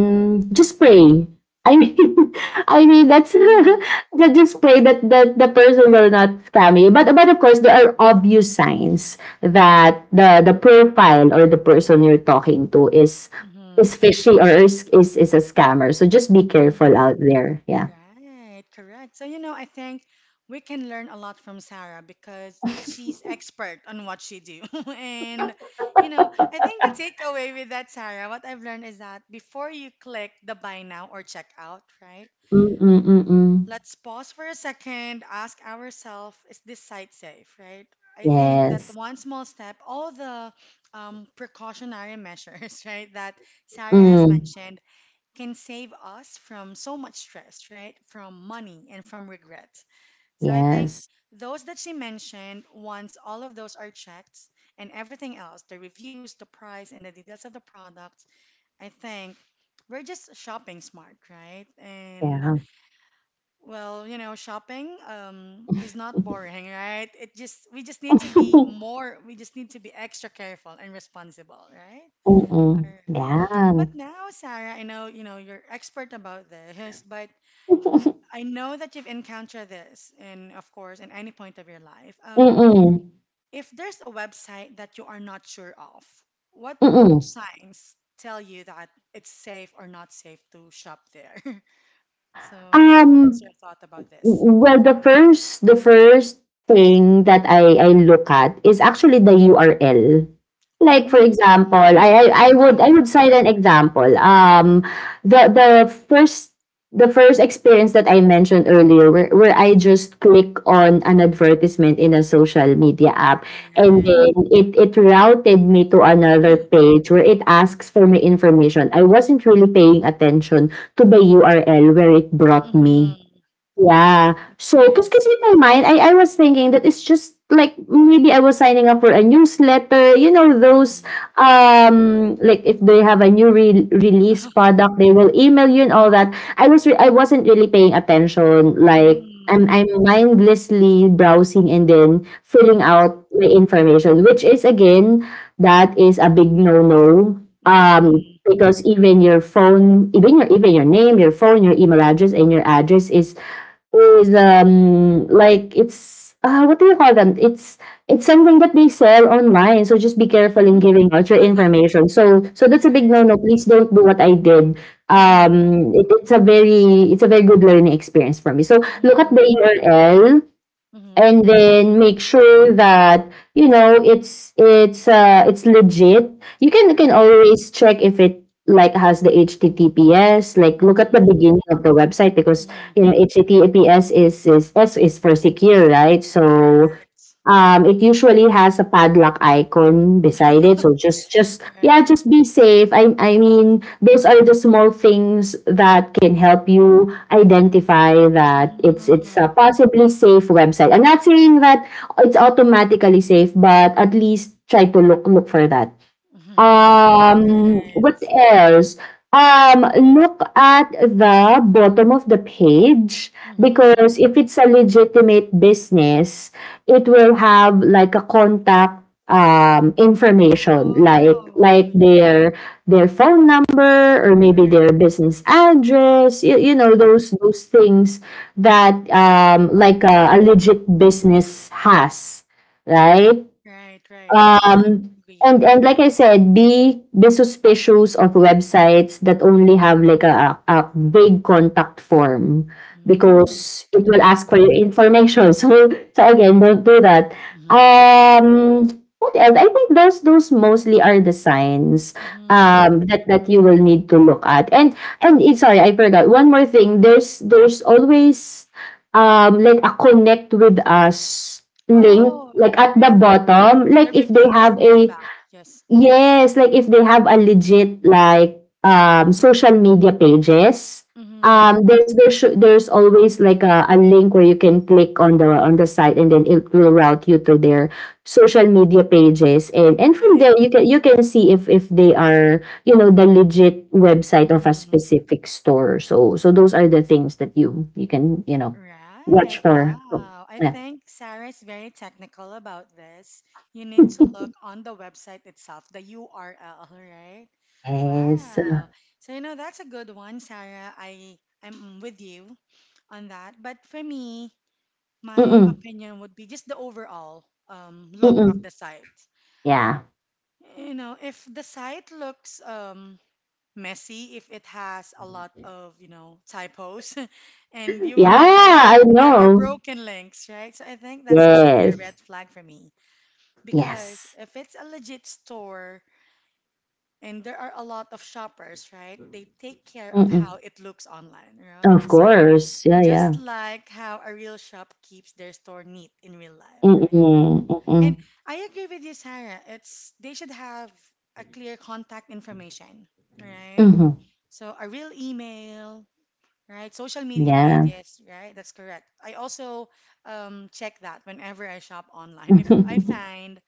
[SPEAKER 2] just pray. I mean, I mean that's
[SPEAKER 1] Mm-hmm.
[SPEAKER 2] that just pray that, that the person will not scam you. But but of course there are obvious signs that the the profile or the person you're talking to is
[SPEAKER 1] Mm-hmm.
[SPEAKER 2] is fishy or is is, is a scammer. So just be careful
[SPEAKER 1] Mm-hmm.
[SPEAKER 2] out there. Yeah.
[SPEAKER 1] Right. Correct. So, you know, I think we can learn a lot from Sarah because she's expert on what she do. And, you know, I think the takeaway with that, Sarah, what I've learned is that before you click the buy now or check out, right?
[SPEAKER 2] Mm mm mm mm.
[SPEAKER 1] Let's pause for a second, ask ourselves, is this site safe, right? I think that
[SPEAKER 2] Yes.
[SPEAKER 1] one small step, all the um, precautionary measures, right, that Sarah has
[SPEAKER 2] Mm.
[SPEAKER 1] mentioned can save us from so much stress, right, from money and from regrets. So I think
[SPEAKER 2] Yes.
[SPEAKER 1] those that she mentioned, once all of those are checked and everything else, the reviews, the price, and the details of the products, I think we're just shopping smart, right? And
[SPEAKER 2] Yeah.
[SPEAKER 1] well, you know, shopping um, is not boring, right? It just we just need to be more. We just need to be extra careful and responsible, right?
[SPEAKER 2] Mm
[SPEAKER 1] All
[SPEAKER 2] mm.
[SPEAKER 1] right. But
[SPEAKER 2] Yeah.
[SPEAKER 1] now, Sarah, I know you know you're expert about this, but
[SPEAKER 2] Mm
[SPEAKER 1] I know that you've encountered this, in of course, in any point of your life. Um,
[SPEAKER 2] mm.
[SPEAKER 1] if there's a website that you are not sure of, what
[SPEAKER 2] Mm mm.
[SPEAKER 1] signs tell you that it's safe or not safe to shop there? So, what's
[SPEAKER 2] Um,
[SPEAKER 1] your thought about this?
[SPEAKER 2] Well, the first the first thing that I I look at is actually the U R L. Like, for example, I I
[SPEAKER 1] Mm,
[SPEAKER 2] I would
[SPEAKER 1] okay.
[SPEAKER 2] I would cite an example. Um, the the first the first experience that I mentioned earlier, where, where I just click on an advertisement in a social media app, and
[SPEAKER 1] Right.
[SPEAKER 2] then it it routed me to another page where it asks for my information. I wasn't really paying attention to the U R L where it brought me.
[SPEAKER 1] Mm-hmm.
[SPEAKER 2] Yeah.
[SPEAKER 1] It
[SPEAKER 2] So, because
[SPEAKER 1] is.
[SPEAKER 2] in my mind, I, I was thinking that it's just like maybe I was signing up for a newsletter, you know, those,
[SPEAKER 1] Mm-hmm.
[SPEAKER 2] um, like if they have a new re- release product, they will email you and all that. I was, re- I wasn't really paying attention. Like, I'm,
[SPEAKER 1] Mm-hmm.
[SPEAKER 2] I'm mindlessly browsing and then filling
[SPEAKER 1] Mm-hmm.
[SPEAKER 2] out my information, which is again, that is a big no-no. Um, because even your phone, even your even your name, your phone, your email address, and your address is is, um, like it's, uh, what do you call them? It's it's something that they sell online, so just be careful in
[SPEAKER 1] Mm-hmm.
[SPEAKER 2] giving out your information. So so that's a big
[SPEAKER 1] Right.
[SPEAKER 2] no-no. Please don't do what I did.
[SPEAKER 1] Mm-hmm.
[SPEAKER 2] Um, it, it's a very it's a very good learning experience for me. So look at the
[SPEAKER 1] Mm-hmm.
[SPEAKER 2] U R L
[SPEAKER 1] Mm-hmm.
[SPEAKER 2] and then make sure that you know it's it's uh it's legit. You can you can
[SPEAKER 1] Right.
[SPEAKER 2] always check if it like has the https, like look at the
[SPEAKER 1] Mm-hmm.
[SPEAKER 2] beginning of the website, because
[SPEAKER 1] Mm-hmm.
[SPEAKER 2] you know https is is s is for secure, right? So
[SPEAKER 1] Correct.
[SPEAKER 2] Um, it usually has a padlock icon beside it, so just just yeah,
[SPEAKER 1] Right.
[SPEAKER 2] just be safe. I I mean, those are the small things that can help you identify that it's it's
[SPEAKER 1] Mm-hmm.
[SPEAKER 2] a possibly safe website. I'm not saying that it's automatically safe, but at least try to look look for that. Um, what
[SPEAKER 1] Right.
[SPEAKER 2] else? Um, Look at the bottom of the page,
[SPEAKER 1] Mm-hmm.
[SPEAKER 2] because if it's a legitimate business, it will have like a contact um information like
[SPEAKER 1] Oh,
[SPEAKER 2] like
[SPEAKER 1] yeah.
[SPEAKER 2] their their phone number or maybe
[SPEAKER 1] Right,
[SPEAKER 2] their business address, you, you know
[SPEAKER 1] right,
[SPEAKER 2] those those things that um like a, a legit business has, right?
[SPEAKER 1] right, right. I
[SPEAKER 2] Um, and
[SPEAKER 1] agree.
[SPEAKER 2] and like I said, be be suspicious of websites that only have like a, a a big contact form
[SPEAKER 1] Mm-hmm.
[SPEAKER 2] because it will ask for your information. So so again, don't do that.
[SPEAKER 1] Right.
[SPEAKER 2] Um, what else? I think those those mostly are the signs
[SPEAKER 1] Mm-hmm.
[SPEAKER 2] um that that you will need to look at. And and eh, sorry, I forgot one more thing. There's there's always um like a "connect with us" link,
[SPEAKER 1] Oh,
[SPEAKER 2] like at the
[SPEAKER 1] right.
[SPEAKER 2] bottom, like
[SPEAKER 1] The
[SPEAKER 2] if they
[SPEAKER 1] reviews
[SPEAKER 2] have
[SPEAKER 1] and
[SPEAKER 2] a
[SPEAKER 1] feedback. Yes.
[SPEAKER 2] yes, like if they have a legit, like um social media pages,
[SPEAKER 1] Mm-hmm.
[SPEAKER 2] um there's there should there's always like a, a link where you can click on the on the site and then it will route you to their social media pages, and and from
[SPEAKER 1] Right.
[SPEAKER 2] there you can you can see if if they are, you know, the legit website of a
[SPEAKER 1] Mm-hmm.
[SPEAKER 2] specific store. So so those are the things that you you can, you know, watch
[SPEAKER 1] Right.
[SPEAKER 2] for. So,
[SPEAKER 1] Wow. I
[SPEAKER 2] yeah.
[SPEAKER 1] think Sarah is very technical about this. You need to look on the website itself, the U R L, right?
[SPEAKER 2] Yes.
[SPEAKER 1] Wow. So you know that's a good one, Sarah. I I'm with you on that. But for me, my
[SPEAKER 2] Mm-mm,
[SPEAKER 1] opinion would be just the overall um, look
[SPEAKER 2] mm-mm.
[SPEAKER 1] of the site.
[SPEAKER 2] Yeah.
[SPEAKER 1] You know, if the site looks um, messy, if it has a lot of, you know, typos. And you
[SPEAKER 2] Yeah,
[SPEAKER 1] will notice
[SPEAKER 2] I
[SPEAKER 1] that there are
[SPEAKER 2] know.
[SPEAKER 1] broken links, right? So I think that's usually a
[SPEAKER 2] Yes.
[SPEAKER 1] red flag for me because
[SPEAKER 2] Yes.
[SPEAKER 1] if it's a legit store and there are a lot of shoppers, right? They take care of
[SPEAKER 2] Mm-mm.
[SPEAKER 1] how it looks online, right?
[SPEAKER 2] Of
[SPEAKER 1] So
[SPEAKER 2] course. Yeah, yeah.
[SPEAKER 1] just like how a real shop keeps their store neat in real life, right?
[SPEAKER 2] Mm-mm, mm-mm.
[SPEAKER 1] And I agree with you, Sarah. It's they should have a clear contact information, right?
[SPEAKER 2] Mm-hmm.
[SPEAKER 1] So a real email, right? Social media
[SPEAKER 2] Yeah.
[SPEAKER 1] pages, right? That's correct. I also um, check that whenever I shop online if I find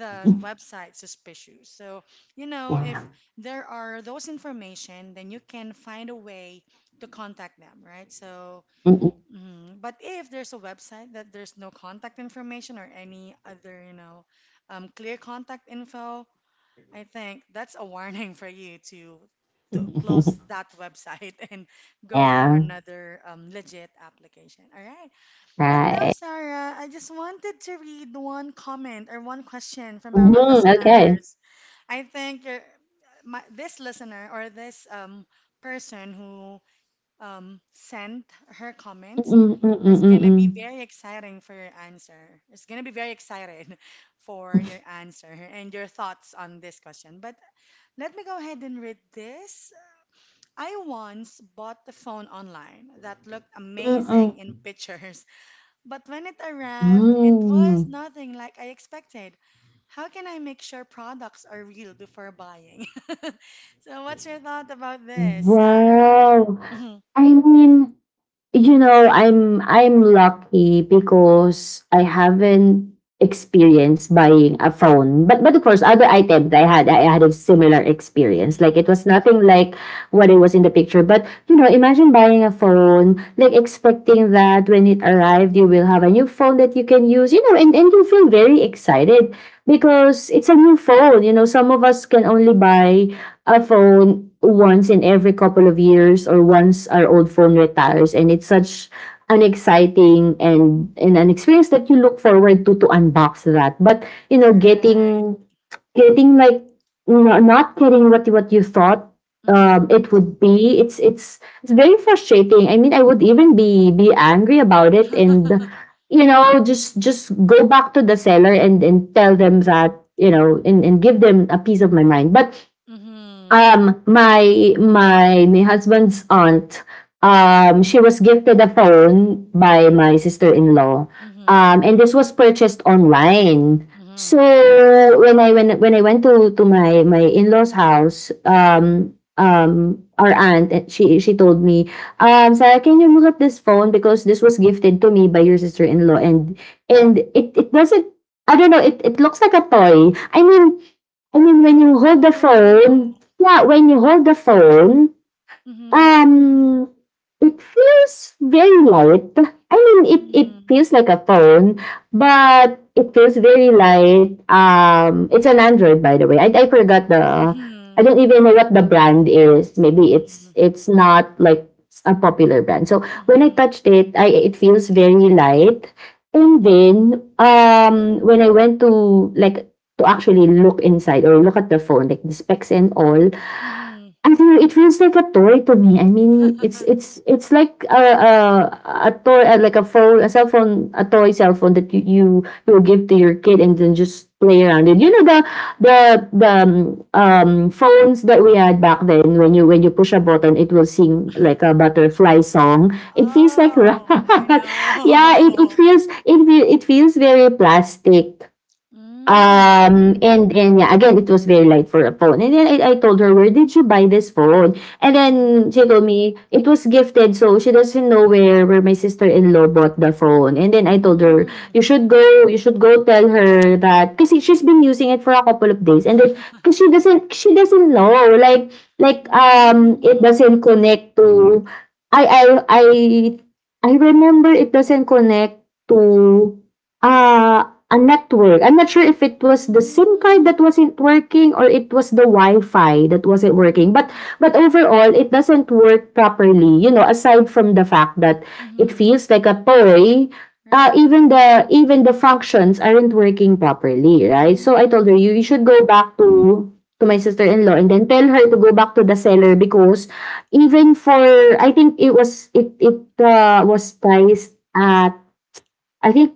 [SPEAKER 1] the website suspicious. So, you know,
[SPEAKER 2] Yeah.
[SPEAKER 1] if there are those information, then you can find a way to contact them, right? So,
[SPEAKER 2] Mm-mm.
[SPEAKER 1] mhm. But if there's a website that there's no contact information or any other, you know, um, clear contact info, I think that's a warning for you to, to close that website and go for
[SPEAKER 2] Yeah.
[SPEAKER 1] another um, legit application. All right. But now,
[SPEAKER 2] Right.
[SPEAKER 1] Sarah, I just wanted to read one comment or one question from our
[SPEAKER 2] Mm-hmm. Okay.
[SPEAKER 1] listeners. I think you're, my, this listener or this um, person who um, sent her comments
[SPEAKER 2] Mm-mm, mm-mm,
[SPEAKER 1] is going to
[SPEAKER 2] mm-mm.
[SPEAKER 1] be very exciting for your answer. It's going to be very excited for your answer and your thoughts on this question. But let me go ahead and read this. I once bought a phone online that looked
[SPEAKER 2] Mm-mm.
[SPEAKER 1] amazing in pictures, but when it arrived, it was
[SPEAKER 2] Mm.
[SPEAKER 1] nothing like I expected. How can I make sure products are real before buying? So, what's your thought about this, Sarah?
[SPEAKER 2] Wow.
[SPEAKER 1] Hmm.
[SPEAKER 2] I mean, you know, i'm i'm lucky because I haven't experienced buying a phone, but but of course other items, i had I had a similar experience, like it
[SPEAKER 1] Hmm.
[SPEAKER 2] was nothing like what it was in the picture. But you know, imagine buying a phone, like expecting that when it arrived you will have a new phone that you can use, you know, and, and you feel very excited because it's a new phone. You know, some of us can only buy a phone once in every couple of years, or once our old phone retires, and it's such an exciting and, and an experience that you look forward to to unbox that. But you know,
[SPEAKER 1] Right.
[SPEAKER 2] getting getting like no- not getting what what you thought um,
[SPEAKER 1] Hmm.
[SPEAKER 2] it would be, it's it's it's very frustrating. I mean, I would even be be angry about it, and you know, just just go back to the seller and and tell them that, you know, and, and give them a piece of my mind. But
[SPEAKER 1] Hmm.
[SPEAKER 2] um, my my my husband's aunt, um, she was gifted a phone by my sister-in-law.
[SPEAKER 1] Hmm.
[SPEAKER 2] Um, and this was purchased online. So
[SPEAKER 1] Hmm.
[SPEAKER 2] when I when when I went to to my my in-laws' house, um, um, our aunt eh, she she told me, um, Sarah, can you look at this phone, because this was gifted to me by your sister-in-law, and and it it doesn't, I don't know, it it looks like a toy. I mean I mean, when you hold the phone,
[SPEAKER 1] Oh.
[SPEAKER 2] yeah, when you hold the phone,
[SPEAKER 1] Hmm.
[SPEAKER 2] um, it feels very light. I mean, it, it
[SPEAKER 1] Hmm.
[SPEAKER 2] feels like a phone, but it feels very light. Um, it's an Android, by the way. I, I forgot the. I
[SPEAKER 1] Hmm.
[SPEAKER 2] don't even know what the brand is. Maybe it's it's not like a popular brand. So when I
[SPEAKER 1] Hmm.
[SPEAKER 2] touched it, I it feels very light. And
[SPEAKER 1] Hmm.
[SPEAKER 2] then um, when I went to like to actually look inside or look at the phone, like the specs and all,
[SPEAKER 1] Mm-hmm.
[SPEAKER 2] I feel it feels like a toy to me. I mean, it's it's it's like a a, a toy, uh, like a phone, a cell phone, a toy cell phone that you you you will give to your kid and then just play around it. You know, the the the um, um, phones that we had back then. When you when you push a button, it will sing like a butterfly song. It feels like
[SPEAKER 1] Oh, I
[SPEAKER 2] yeah. It, it
[SPEAKER 1] know.
[SPEAKER 2] feels it fe- it feels very plastic.
[SPEAKER 1] Mm.
[SPEAKER 2] Um, and and yeah, again, it was very light for a phone. And then I, I told her, where did you buy this phone? And
[SPEAKER 1] Mhm.
[SPEAKER 2] then she told me it was gifted, so she doesn't know where where my sister-in-law bought the phone. And then I told her,
[SPEAKER 1] Mm.
[SPEAKER 2] you should go, you should go tell her that kasi she's been using it for a couple of days. And then because she doesn't she doesn't know. Like like um it
[SPEAKER 1] Mm.
[SPEAKER 2] doesn't connect to I I I I remember it doesn't connect to uh a network. I'm not sure if it was the SIM card
[SPEAKER 1] Mm.
[SPEAKER 2] that wasn't working or it was the Wi-Fi that wasn't working. But
[SPEAKER 1] Mm.
[SPEAKER 2] but overall, it doesn't work properly. You know, aside from the fact that it
[SPEAKER 1] Mhm.
[SPEAKER 2] feels like a toy, uh,
[SPEAKER 1] Right.
[SPEAKER 2] even the even the functions aren't working properly, right? So I told her,
[SPEAKER 1] Mm.
[SPEAKER 2] you you should go back to to my sister-in-law and then tell her to go back to the seller. Because even for I think it was, it it uh, was priced at, I think,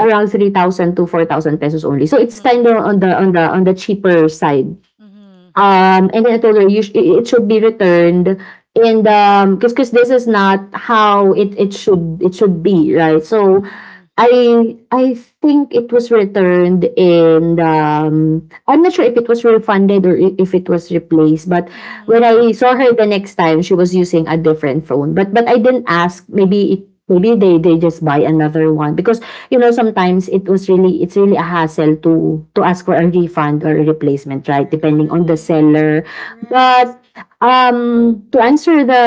[SPEAKER 2] around three thousand to four thousand pesos only. So it's kind of
[SPEAKER 1] Mhm.
[SPEAKER 2] on the on the on the cheaper side.
[SPEAKER 1] Mhm.
[SPEAKER 2] Um, and then I told her, you sh- it it should be returned, and um, because this is not how it it should it should be, right? So
[SPEAKER 1] Mhm.
[SPEAKER 2] I I think it was returned. And, um, I'm not sure if it was refunded or i- if it was replaced, but when
[SPEAKER 1] Mhm.
[SPEAKER 2] I saw her the next time, she was using a different phone. But but I didn't ask. Maybe
[SPEAKER 1] Oh,
[SPEAKER 2] it maybe they they just buy another one because you know, sometimes it was really it's really a hassle to to ask for a refund or a replacement, right? Depending on the
[SPEAKER 1] right.
[SPEAKER 2] seller. But
[SPEAKER 1] Correct.
[SPEAKER 2] um to answer the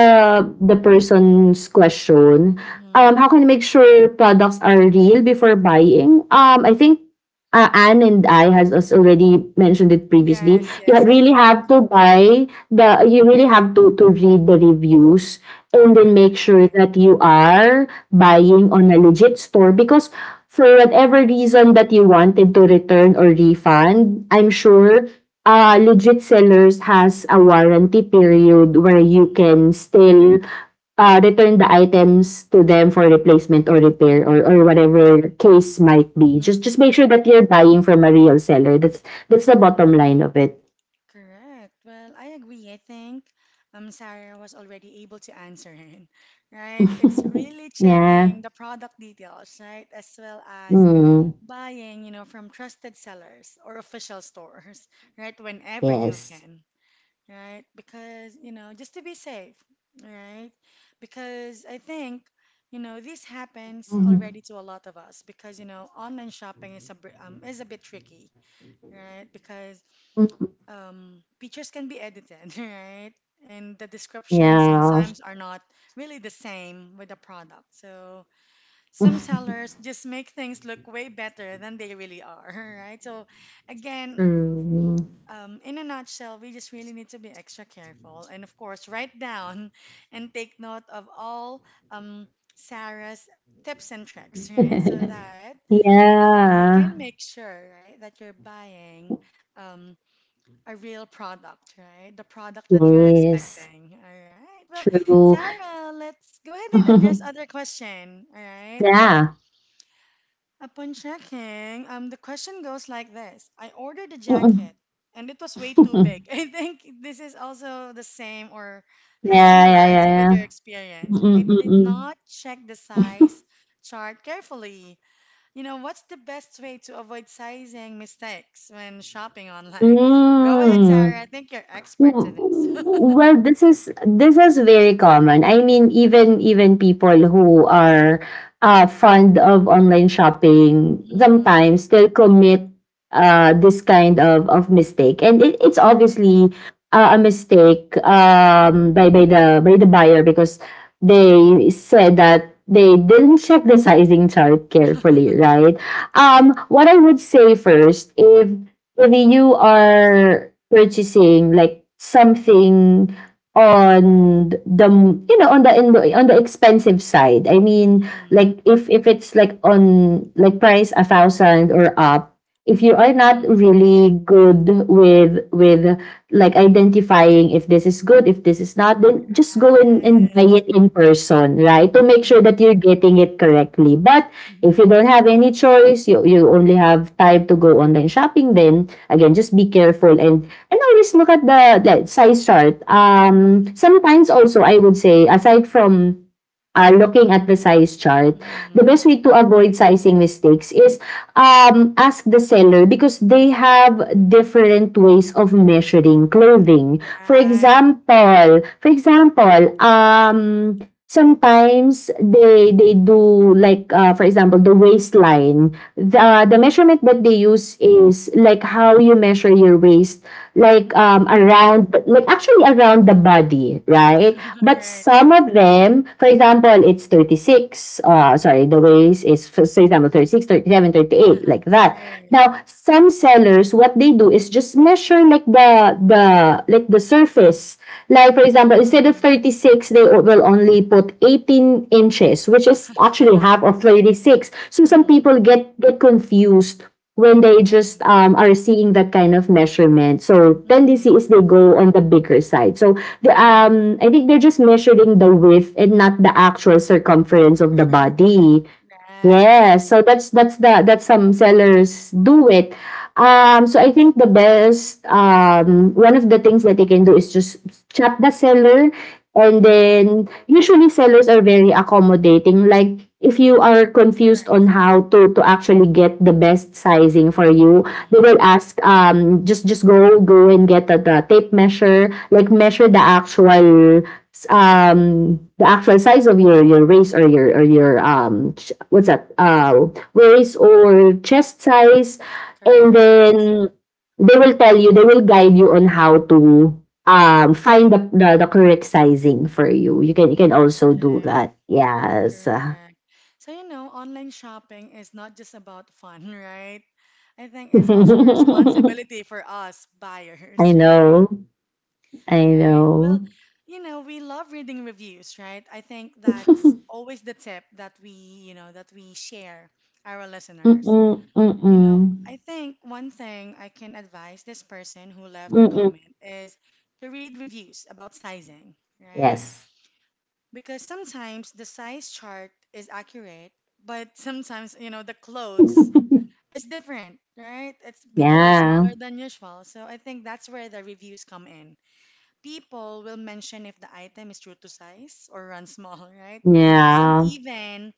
[SPEAKER 2] the person's question, um, how
[SPEAKER 1] Mhm.
[SPEAKER 2] can I make sure products are real before buying? Um, I think uh, Anne and I has us already mentioned it previously.
[SPEAKER 1] Yes,
[SPEAKER 2] You ha-
[SPEAKER 1] yes, I
[SPEAKER 2] really
[SPEAKER 1] think.
[SPEAKER 2] have to buy the. You really have to to read the reviews and then make sure
[SPEAKER 1] Right.
[SPEAKER 2] that you are buying on a legit store, because for whatever
[SPEAKER 1] Correct.
[SPEAKER 2] reason that you wanted to return or refund, I'm sure uh, legit sellers has a warranty period where you
[SPEAKER 1] Mhm.
[SPEAKER 2] can still uh, return the items to them for replacement or repair, or, or
[SPEAKER 1] Mhm.
[SPEAKER 2] whatever case might be. Just just
[SPEAKER 1] Mhm.
[SPEAKER 2] make sure that you're buying from a real seller. That's that's the bottom
[SPEAKER 1] Right.
[SPEAKER 2] line of it.
[SPEAKER 1] Correct. Well, I agree. I think um Sarah was already able to answer it, right? It's really
[SPEAKER 2] Yeah.
[SPEAKER 1] checking the product details, right? As well as
[SPEAKER 2] Mm.
[SPEAKER 1] buying, you know, from trusted sellers or official stores, right? Whenever you
[SPEAKER 2] Yes.
[SPEAKER 1] can, right? Because, you know, just to be safe, right? Because I think, you know, this happens
[SPEAKER 2] Mhm.
[SPEAKER 1] already to a lot of us because, you know, online shopping is a br- um, is a bit tricky, right? Because
[SPEAKER 2] Mhm.
[SPEAKER 1] um, pictures can be edited, right? And the descriptions
[SPEAKER 2] Yeah.
[SPEAKER 1] sometimes are not really the same with the product. So some sellers just make things look way better than they really are, right? So again,
[SPEAKER 2] True.
[SPEAKER 1] um, in a nutshell, we just really need to be extra careful and, of course, write down and take note of all um, Sarah's tips and tricks, right? So that you
[SPEAKER 2] Yeah.
[SPEAKER 1] can make sure, right, that you're buying um, a real product, right? The product that you're
[SPEAKER 2] Yes.
[SPEAKER 1] expecting. All right. Well,
[SPEAKER 2] True.
[SPEAKER 1] Sarah, let's go ahead and address other question. All right. Well,
[SPEAKER 2] Yeah.
[SPEAKER 1] upon checking, um, the question goes like this: I ordered a
[SPEAKER 2] Mm-mm.
[SPEAKER 1] jacket, and it was way too big. I think this is also the same or has
[SPEAKER 2] Yeah. Yeah. Yeah.
[SPEAKER 1] similarity with your
[SPEAKER 2] Yeah.
[SPEAKER 1] experience. I
[SPEAKER 2] Mm-mm,
[SPEAKER 1] did
[SPEAKER 2] mm-mm.
[SPEAKER 1] not check the size chart carefully. You know, what's the best way to avoid sizing mistakes when shopping online? Go ahead,
[SPEAKER 2] Mm.
[SPEAKER 1] Sarah. I think you're expert to
[SPEAKER 2] W-
[SPEAKER 1] this.
[SPEAKER 2] Well, this is this is very common. I mean, even even people who are uh, fond of online shopping
[SPEAKER 1] Mm-hmm.
[SPEAKER 2] sometimes still commit uh, this kind of, of mistake, and it, it's
[SPEAKER 1] Right.
[SPEAKER 2] obviously uh, a mistake um, by by the by the buyer because they said that they didn't check the sizing chart carefully, right?
[SPEAKER 1] Right.
[SPEAKER 2] Um, what I would say first, if if you are purchasing like something on the you know on the on the expensive side. I mean,
[SPEAKER 1] Mm-hmm.
[SPEAKER 2] like if if it's like on like price a thousand or up, if you are not
[SPEAKER 1] Mm-hmm.
[SPEAKER 2] really good with with like identifying if this is good, if this is not, then just go and, and
[SPEAKER 1] Right.
[SPEAKER 2] buy it in person, right? To make sure
[SPEAKER 1] Mm-hmm.
[SPEAKER 2] that you're getting it correctly. But if
[SPEAKER 1] Mm-hmm.
[SPEAKER 2] you don't have any choice, you, you only have time to go online shopping, then again, just be careful and and always look at the, the size chart. Um,
[SPEAKER 1] Mm-hmm.
[SPEAKER 2] sometimes also I would say aside from uh, looking at the size chart, the
[SPEAKER 1] Mm-hmm.
[SPEAKER 2] best way to avoid sizing mistakes is um, ask the seller because they have different ways of measuring clothing. For
[SPEAKER 1] Right.
[SPEAKER 2] example, for example, um, sometimes they they do like uh, for example, the waistline, the the measurement that they use is like how you measure your waist, like um,
[SPEAKER 1] Mm-hmm.
[SPEAKER 2] around like actually around the body, right? But
[SPEAKER 1] Right.
[SPEAKER 2] some of them, for example, it's thirty six. Uh, sorry, the waist is, for example, thirty six thirty seven thirty eight, like that.
[SPEAKER 1] Right.
[SPEAKER 2] Now some sellers what they do is just measure like the the like the surface. Like for example, instead of
[SPEAKER 1] Mm-hmm.
[SPEAKER 2] thirty six they will only put eighteen inches, which is actually half of thirty six. So some people get get confused when they just
[SPEAKER 1] Mm-hmm.
[SPEAKER 2] um, are seeing that kind of measurement. So tendency
[SPEAKER 1] Mm-hmm.
[SPEAKER 2] is they go on the bigger side. So the
[SPEAKER 1] Mm-hmm.
[SPEAKER 2] um, I think they're just measuring the width and not the actual circumference of the body.
[SPEAKER 1] Right.
[SPEAKER 2] Yes, so that's that's the that some sellers do it. Um, so I think the best, um, one of the things that they can do is just chat the seller, and
[SPEAKER 1] Mm-hmm.
[SPEAKER 2] then usually sellers are very accommodating. Like if you are confused on
[SPEAKER 1] Correct.
[SPEAKER 2] how to to actually get the best sizing for you, they
[SPEAKER 1] Mm-hmm.
[SPEAKER 2] will ask, um, just just go go and get the, the tape measure, like measure the
[SPEAKER 1] Mm-hmm.
[SPEAKER 2] actual s- um the actual size of your your waist or your or your um, ch- what's that uh waist or chest size, and then
[SPEAKER 1] Correct.
[SPEAKER 2] they will tell you, they will guide you on how to um, find the the, the correct sizing for you. You can you can also do
[SPEAKER 1] Right.
[SPEAKER 2] that, yes.
[SPEAKER 1] Correct. So, you know, online shopping is not just about fun, right? I think it's also a responsibility for us
[SPEAKER 2] I
[SPEAKER 1] buyers,
[SPEAKER 2] know.
[SPEAKER 1] right?
[SPEAKER 2] I know.
[SPEAKER 1] Right. Well, you know, we love reading reviews, right? I think that's always the tip that we, you know, that we share our listeners.
[SPEAKER 2] Mm-mm,
[SPEAKER 1] You
[SPEAKER 2] mm-mm,
[SPEAKER 1] know, I think one thing I can advise this person who left a
[SPEAKER 2] mm-mm.
[SPEAKER 1] comment is to read reviews about sizing, right?
[SPEAKER 2] Yes.
[SPEAKER 1] Because sometimes the size chart is accurate, but sometimes, you know, the clothes is different, right? It's bigger or
[SPEAKER 2] Yeah.
[SPEAKER 1] smaller than usual. So I think that's where the reviews come in. People will mention if the item is true to size or run small, right? And some
[SPEAKER 2] Yeah.
[SPEAKER 1] even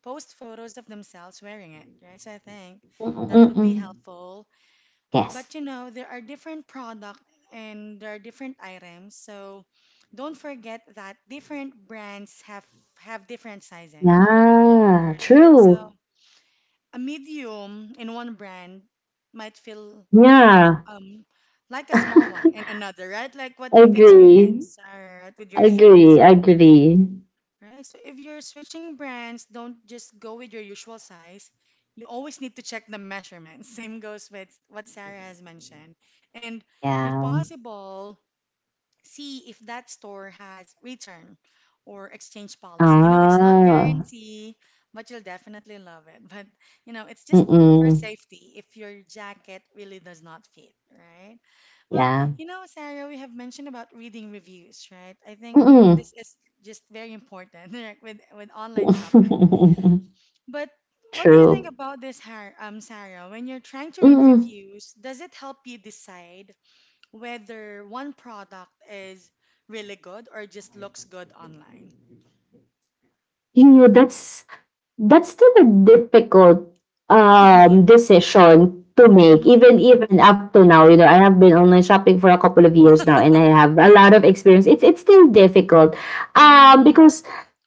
[SPEAKER 1] post photos of themselves wearing it, right? So I think
[SPEAKER 2] Mm,
[SPEAKER 1] that
[SPEAKER 2] mm,
[SPEAKER 1] would be
[SPEAKER 2] mm.
[SPEAKER 1] helpful,
[SPEAKER 2] Yes.
[SPEAKER 1] but you know, there are different product and there are different items. So don't forget that different brands have have different sizing,
[SPEAKER 2] Yeah,
[SPEAKER 1] right?
[SPEAKER 2] true.
[SPEAKER 1] So a medium in one brand might feel
[SPEAKER 2] Yeah.
[SPEAKER 1] um like a small one in another, right? Like what you've
[SPEAKER 2] Agree.
[SPEAKER 1] experienced, uh, with your shoes.
[SPEAKER 2] Agree.
[SPEAKER 1] So
[SPEAKER 2] Agree.
[SPEAKER 1] right. So if you're switching brands, don't just go with your usual size. You always need to check the measurements. Same goes with what Sarah has mentioned. And if
[SPEAKER 2] Yeah.
[SPEAKER 1] possible, see if that store has return or exchange policy. You know, it's not
[SPEAKER 2] Ah.
[SPEAKER 1] guarantee, but you'll definitely love it. But you know, it's just for
[SPEAKER 2] Mm-mm.
[SPEAKER 1] safety if your jacket really does not fit, right? Well,
[SPEAKER 2] Yeah.
[SPEAKER 1] you know, Sarah, we have mentioned about reading reviews, right? I think
[SPEAKER 2] Mm-mm.
[SPEAKER 1] this is just very important, right, with with online shopping. But what do you think
[SPEAKER 2] True.
[SPEAKER 1] about this, Har- um, Sarah? When you're trying to read
[SPEAKER 2] Mm-mm.
[SPEAKER 1] reviews, does it help you decide whether one product is really good or just looks good online?
[SPEAKER 2] You know, that's that's still a difficult um, decision to make, even
[SPEAKER 1] Mm-hmm.
[SPEAKER 2] even up to now. You know, I have been online shopping for a couple of years now and I have a lot of experience. It's it's still difficult um,
[SPEAKER 1] Mm-hmm.
[SPEAKER 2] because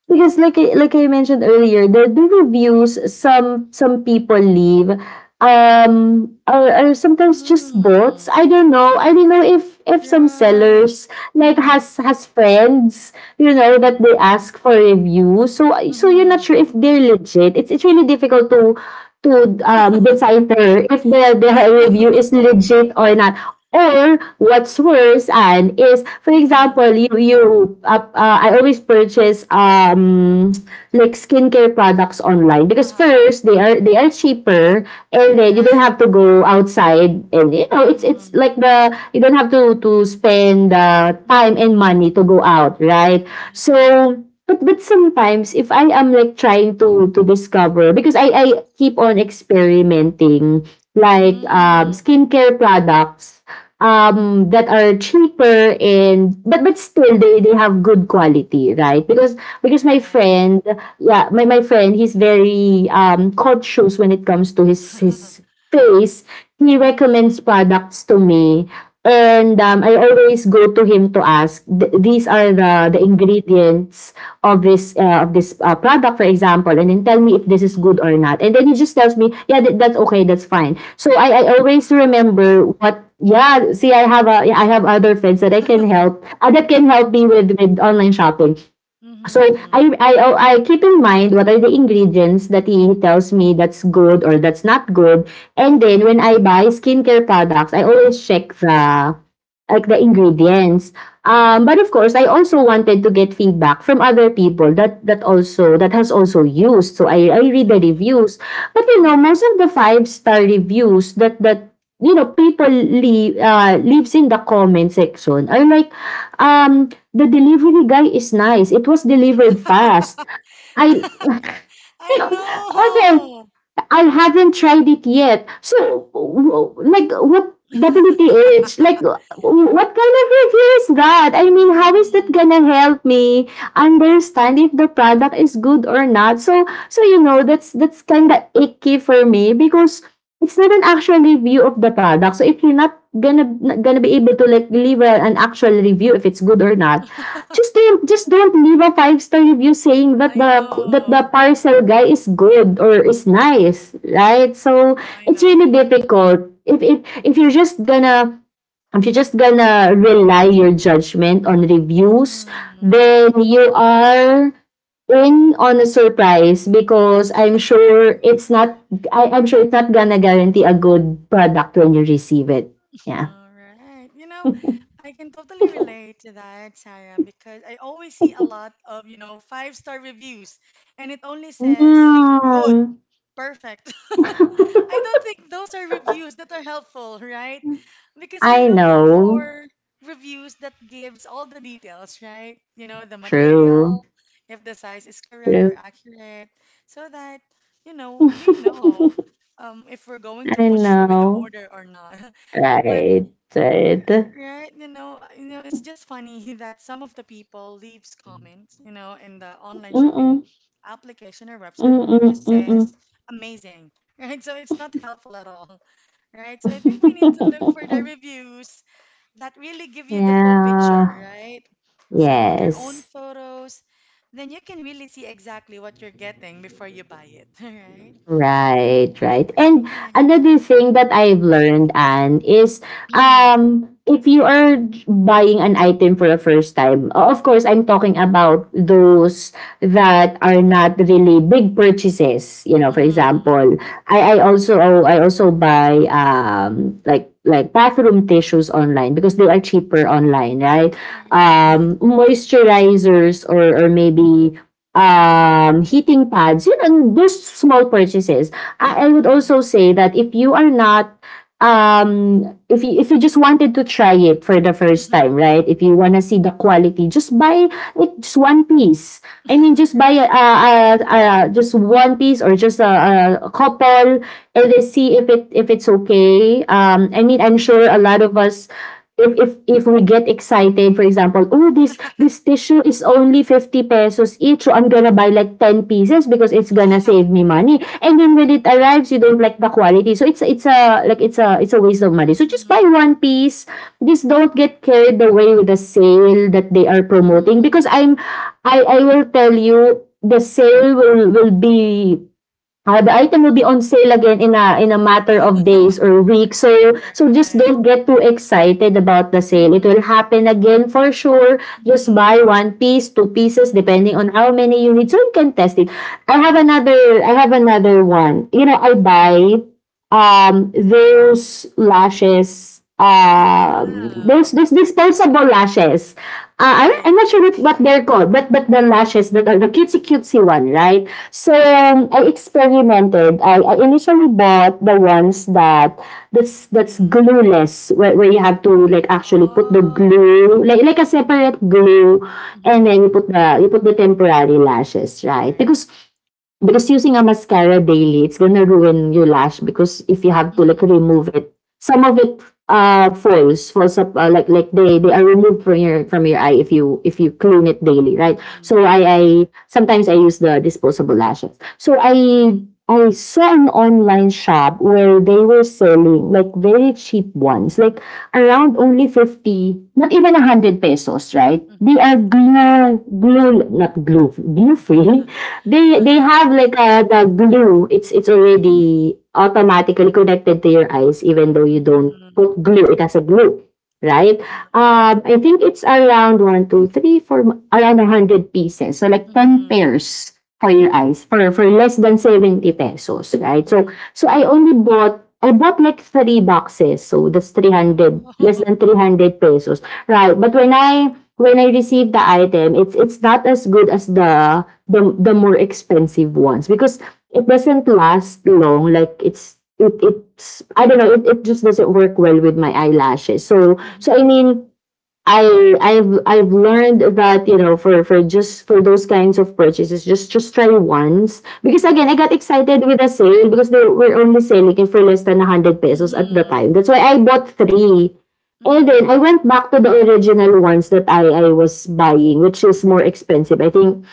[SPEAKER 2] because like I- like I mentioned earlier, the, the reviews some some people leave um, are, are sometimes just
[SPEAKER 1] Mm.
[SPEAKER 2] bots. I don't know. I don't know if if some
[SPEAKER 1] Right.
[SPEAKER 2] sellers like
[SPEAKER 1] Mm-hmm.
[SPEAKER 2] has has friends, you know, that
[SPEAKER 1] Mm-hmm.
[SPEAKER 2] they ask for review, so so you're not
[SPEAKER 1] Mm-hmm.
[SPEAKER 2] sure if they're legit. It's it's really difficult to to um, decipher if the the
[SPEAKER 1] I know.
[SPEAKER 2] review is legit or not, or what's worse and is, for
[SPEAKER 1] Mm-hmm.
[SPEAKER 2] example, you you uh, uh, I always purchase um, like skincare products online because
[SPEAKER 1] Uh-huh.
[SPEAKER 2] first, they are they are cheaper, and then you
[SPEAKER 1] Right.
[SPEAKER 2] don't have to go outside, and you know, it's it's
[SPEAKER 1] Mm-hmm.
[SPEAKER 2] like the you don't have to to spend uh, time
[SPEAKER 1] Mm-hmm.
[SPEAKER 2] and money to go out, right?
[SPEAKER 1] Right.
[SPEAKER 2] So, but but sometimes if I am like trying to to discover, because I I keep on experimenting like um,
[SPEAKER 1] Mm-hmm.
[SPEAKER 2] skincare products um, that are cheaper, and but but still they they have good quality, right? Because because my friend, yeah, my my friend, he's very um, cautious when it comes to his
[SPEAKER 1] Right.
[SPEAKER 2] his face. He recommends
[SPEAKER 1] Mm-hmm.
[SPEAKER 2] products to me, and um, I always go to him to ask, "The these are
[SPEAKER 1] Mm-hmm.
[SPEAKER 2] the the ingredients of this, uh, of this, uh, product, for example, and then tell me if this is good
[SPEAKER 1] Mm-hmm.
[SPEAKER 2] or not." And then he just tells me, "Yeah, that that's okay, that's fine." So I I always
[SPEAKER 1] Wow.
[SPEAKER 2] remember what, yeah, see, I have a, I have other friends that I can help, uh, that can help
[SPEAKER 1] Right.
[SPEAKER 2] me with with online shopping. So
[SPEAKER 1] Mm-hmm.
[SPEAKER 2] I I, oh, I keep in mind what are the ingredients that he tells me that's good or that's not good, and then when
[SPEAKER 1] Mm-hmm.
[SPEAKER 2] I buy skincare products, I always check the like the ingredients. Um,
[SPEAKER 1] Mm-hmm.
[SPEAKER 2] but of course, I also wanted to get feedback from other people that that also that has also used. So I I read the
[SPEAKER 1] Right.
[SPEAKER 2] reviews, but you know,
[SPEAKER 1] Mm-hmm.
[SPEAKER 2] most of the five star reviews that that you know people leave, uh, leaves in the comment section are
[SPEAKER 1] Mm-hmm.
[SPEAKER 2] like, um, the delivery guy is nice. It was delivered fast. I
[SPEAKER 1] I
[SPEAKER 2] okay,
[SPEAKER 1] know.
[SPEAKER 2] I haven't tried it yet. So, w- like, what W T H? Like, w- what kind of review is that? I mean, how is that
[SPEAKER 1] Mm,
[SPEAKER 2] gonna help me understand if the product is good or not? So, so you know, that's that's kind of icky for me because it's not an actual review of the product. So, if you're not gonna not gonna be able to like deliver an actual review if it's good or not, just don't just don't leave a five star review saying that
[SPEAKER 1] I
[SPEAKER 2] the that the
[SPEAKER 1] know.
[SPEAKER 2] parcel guy is good or is nice, right?
[SPEAKER 1] I
[SPEAKER 2] So
[SPEAKER 1] know. I
[SPEAKER 2] it's really
[SPEAKER 1] know.
[SPEAKER 2] difficult. If if if you're just gonna if you're just gonna rely your judgment on reviews,
[SPEAKER 1] Mm-hmm.
[SPEAKER 2] then you are in on a surprise because I'm sure it's not, I, I'm sure it's not gonna guarantee a good product when you receive it. Yeah.
[SPEAKER 1] All right. You know, I can totally relate to that, Sarah, because I always see a lot of, you know, five-star reviews and it only says good.
[SPEAKER 2] Yeah.
[SPEAKER 1] Perfect. I don't think those are reviews that are helpful, right? Because
[SPEAKER 2] I
[SPEAKER 1] we're looking
[SPEAKER 2] know.
[SPEAKER 1] for reviews that gives all the details, right? You know, the
[SPEAKER 2] True.
[SPEAKER 1] material, if the size is correct or
[SPEAKER 2] True.
[SPEAKER 1] accurate, so that, you know, we know um, if we're going to
[SPEAKER 2] I
[SPEAKER 1] push through with the
[SPEAKER 2] know.
[SPEAKER 1] order or not. But
[SPEAKER 2] Right. Right.
[SPEAKER 1] right? You know, uh, you know, it's just funny that some of the people leaves comments, you know, in the online
[SPEAKER 2] Mm-mm.
[SPEAKER 1] shopping application or website and just
[SPEAKER 2] Mm-mm.
[SPEAKER 1] says amazing, right? So it's not helpful at all, right? So I think we need to look for the
[SPEAKER 2] Mm-mm.
[SPEAKER 1] reviews that really give you the full picture,
[SPEAKER 2] Yeah.
[SPEAKER 1] right? So their own
[SPEAKER 2] Yes.
[SPEAKER 1] photos, then you can really see exactly what you're getting before you buy it, right?
[SPEAKER 2] Right, right. And
[SPEAKER 1] Right.
[SPEAKER 2] another thing that I've learned, Anne, is
[SPEAKER 1] Mm-hmm.
[SPEAKER 2] um, if you are j- buying an item for the first time, o- of course, I'm talking about those that are not really big purchases. You know, for
[SPEAKER 1] Mm-hmm.
[SPEAKER 2] example, I, I also I also buy um, like like bathroom tissues online because they are cheaper online, right?
[SPEAKER 1] Right.
[SPEAKER 2] Um, moisturizers or or maybe
[SPEAKER 1] Mm-hmm.
[SPEAKER 2] um, heating pads, yun, and those small purchases. I, I would
[SPEAKER 1] Mm-hmm.
[SPEAKER 2] also say that if you are not, um, if you, if you just wanted to try it for the first time, right? If you wanna see the quality, just buy it, just one piece. I mean, just buy a, a,
[SPEAKER 1] Right.
[SPEAKER 2] a, a, just one piece, or just a, a couple, and then see if it if it's okay. Um, I mean, I'm
[SPEAKER 1] Mhm.
[SPEAKER 2] sure a lot of us if if if we get excited, for example, oh, this this tissue is only fifty pesos each, so I'm gonna buy like ten pieces because it's gonna save me money. And then when it arrives, you don't like the quality. So it's it's a like it's a, it's a waste of money. So
[SPEAKER 1] Mm.
[SPEAKER 2] just buy one piece. Just don't get carried away with the sale that they are promoting because
[SPEAKER 1] Mm.
[SPEAKER 2] I'm I I will tell you the sale will will be, uh, the item will be on sale again in a, in a matter of days or weeks. So so just
[SPEAKER 1] Right.
[SPEAKER 2] don't get too excited about the sale. It will
[SPEAKER 1] Mhm.
[SPEAKER 2] happen again for sure. Just
[SPEAKER 1] Mhm.
[SPEAKER 2] buy one piece, two pieces, depending on how many you need. So you can test it. I
[SPEAKER 1] Mhm.
[SPEAKER 2] have
[SPEAKER 1] Mhm.
[SPEAKER 2] another, I have another one. You know, I
[SPEAKER 1] Mhm.
[SPEAKER 2] buy um, those lashes um, those
[SPEAKER 1] Wow.
[SPEAKER 2] those disposable lashes, uh, I,
[SPEAKER 1] Right.
[SPEAKER 2] I'm not sure what, what they're called, but but the lashes that are the cutesy cutesy one, right? So um, I experimented. I, I initially bought the ones that that's that's
[SPEAKER 1] Mhm.
[SPEAKER 2] glueless, where, where you have to like actually put the
[SPEAKER 1] Oh.
[SPEAKER 2] glue, like like a separate
[SPEAKER 1] Mhm.
[SPEAKER 2] glue, and
[SPEAKER 1] Mhm.
[SPEAKER 2] then you put the you put the temporary lashes, right?
[SPEAKER 1] Right.
[SPEAKER 2] Because Because using a mascara daily, it's gonna ruin your lash because if you have to like
[SPEAKER 1] Mhm.
[SPEAKER 2] remove it, some of it uh, falls falls up, uh, like like they they are removed from your from your eye if you if you clean it daily, right? So I
[SPEAKER 1] Mhm.
[SPEAKER 2] I sometimes I use the disposable lashes. So I
[SPEAKER 1] Mhm.
[SPEAKER 2] I saw an online shop where they were selling like very cheap ones, like
[SPEAKER 1] Mhm.
[SPEAKER 2] around only fifty, not even one hundred pesos, right? They are
[SPEAKER 1] Mhm.
[SPEAKER 2] glue, glue, not glue, glue free.
[SPEAKER 1] Mhm.
[SPEAKER 2] they they have like uh, the glue. It's it's already automatically connected to your eyes, even though you don't put glue. It has a glue, right?
[SPEAKER 1] Right.
[SPEAKER 2] Um, I think it's around one, two, three, four, m- around a hundred pieces. So like ten
[SPEAKER 1] Mhm.
[SPEAKER 2] pairs for your
[SPEAKER 1] Mhm.
[SPEAKER 2] eyes for for less than seventy pesos, right? So
[SPEAKER 1] Mhm.
[SPEAKER 2] so I only bought. I bought like three boxes, so that's three hundred
[SPEAKER 1] Oh.
[SPEAKER 2] less than three hundred pesos, right? But when
[SPEAKER 1] Mhm.
[SPEAKER 2] I when I received the item, it's it's not as good as the the the more expensive ones because it doesn't last long. Like it's it it's I don't know. It, it just doesn't work well with my eyelashes. So so I
[SPEAKER 1] Mhm.
[SPEAKER 2] mean. I I've I've learned that, you know, for for just for those kinds of purchases, just just try once, because again, I got
[SPEAKER 1] Mhm.
[SPEAKER 2] excited with the sale because they were only selling it for less than a hundred pesos at the
[SPEAKER 1] Mhm.
[SPEAKER 2] time. That's why I bought three, and then I
[SPEAKER 1] Mhm.
[SPEAKER 2] went back to the original ones that I I was buying, which is more expensive. I think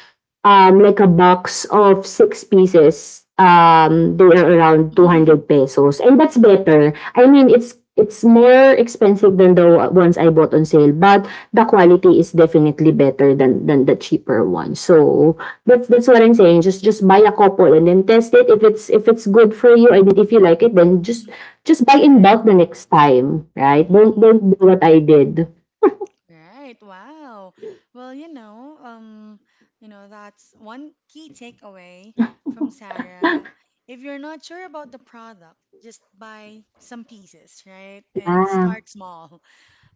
[SPEAKER 2] um, like a box of six pieces, um, they are around two hundred pesos. And that's
[SPEAKER 1] Uh-huh.
[SPEAKER 2] better. I mean, it's it's more expensive than the ones I bought on sale, but the quality is definitely better than than the cheaper one. So that's that's what I'm saying. Just just buy a couple and then test it. If it's if it's good for you and if you like it, then just
[SPEAKER 1] Mhm.
[SPEAKER 2] just buy in
[SPEAKER 1] Right.
[SPEAKER 2] bulk the next time, right? Don't
[SPEAKER 1] Hmm.
[SPEAKER 2] don't do what I did.
[SPEAKER 1] Right. Wow. Well, you know, um, you know, that's one key takeaway from Sarah. If you're not sure about the product, just buy some pieces, right? And
[SPEAKER 2] Yeah.
[SPEAKER 1] start small.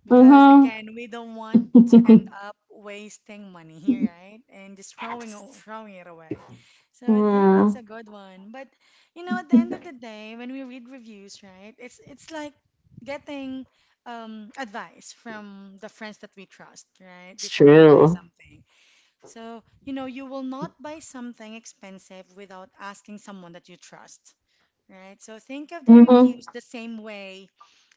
[SPEAKER 1] Because
[SPEAKER 2] Mm-hmm.
[SPEAKER 1] again, we don't want to end up wasting money, right? And just throwing aw-
[SPEAKER 2] Yes.
[SPEAKER 1] throwing it away. So I think that's
[SPEAKER 2] Yeah.
[SPEAKER 1] a good one. But you know, at the end of the day, when we read reviews, right, it's it's like getting um, advice from the friends that we trust, right,
[SPEAKER 2] It's
[SPEAKER 1] before we buy
[SPEAKER 2] true.
[SPEAKER 1] something. So you know, you will not buy something expensive without asking someone that you trust, right? So think of the
[SPEAKER 2] Mhm.
[SPEAKER 1] reviews the same way.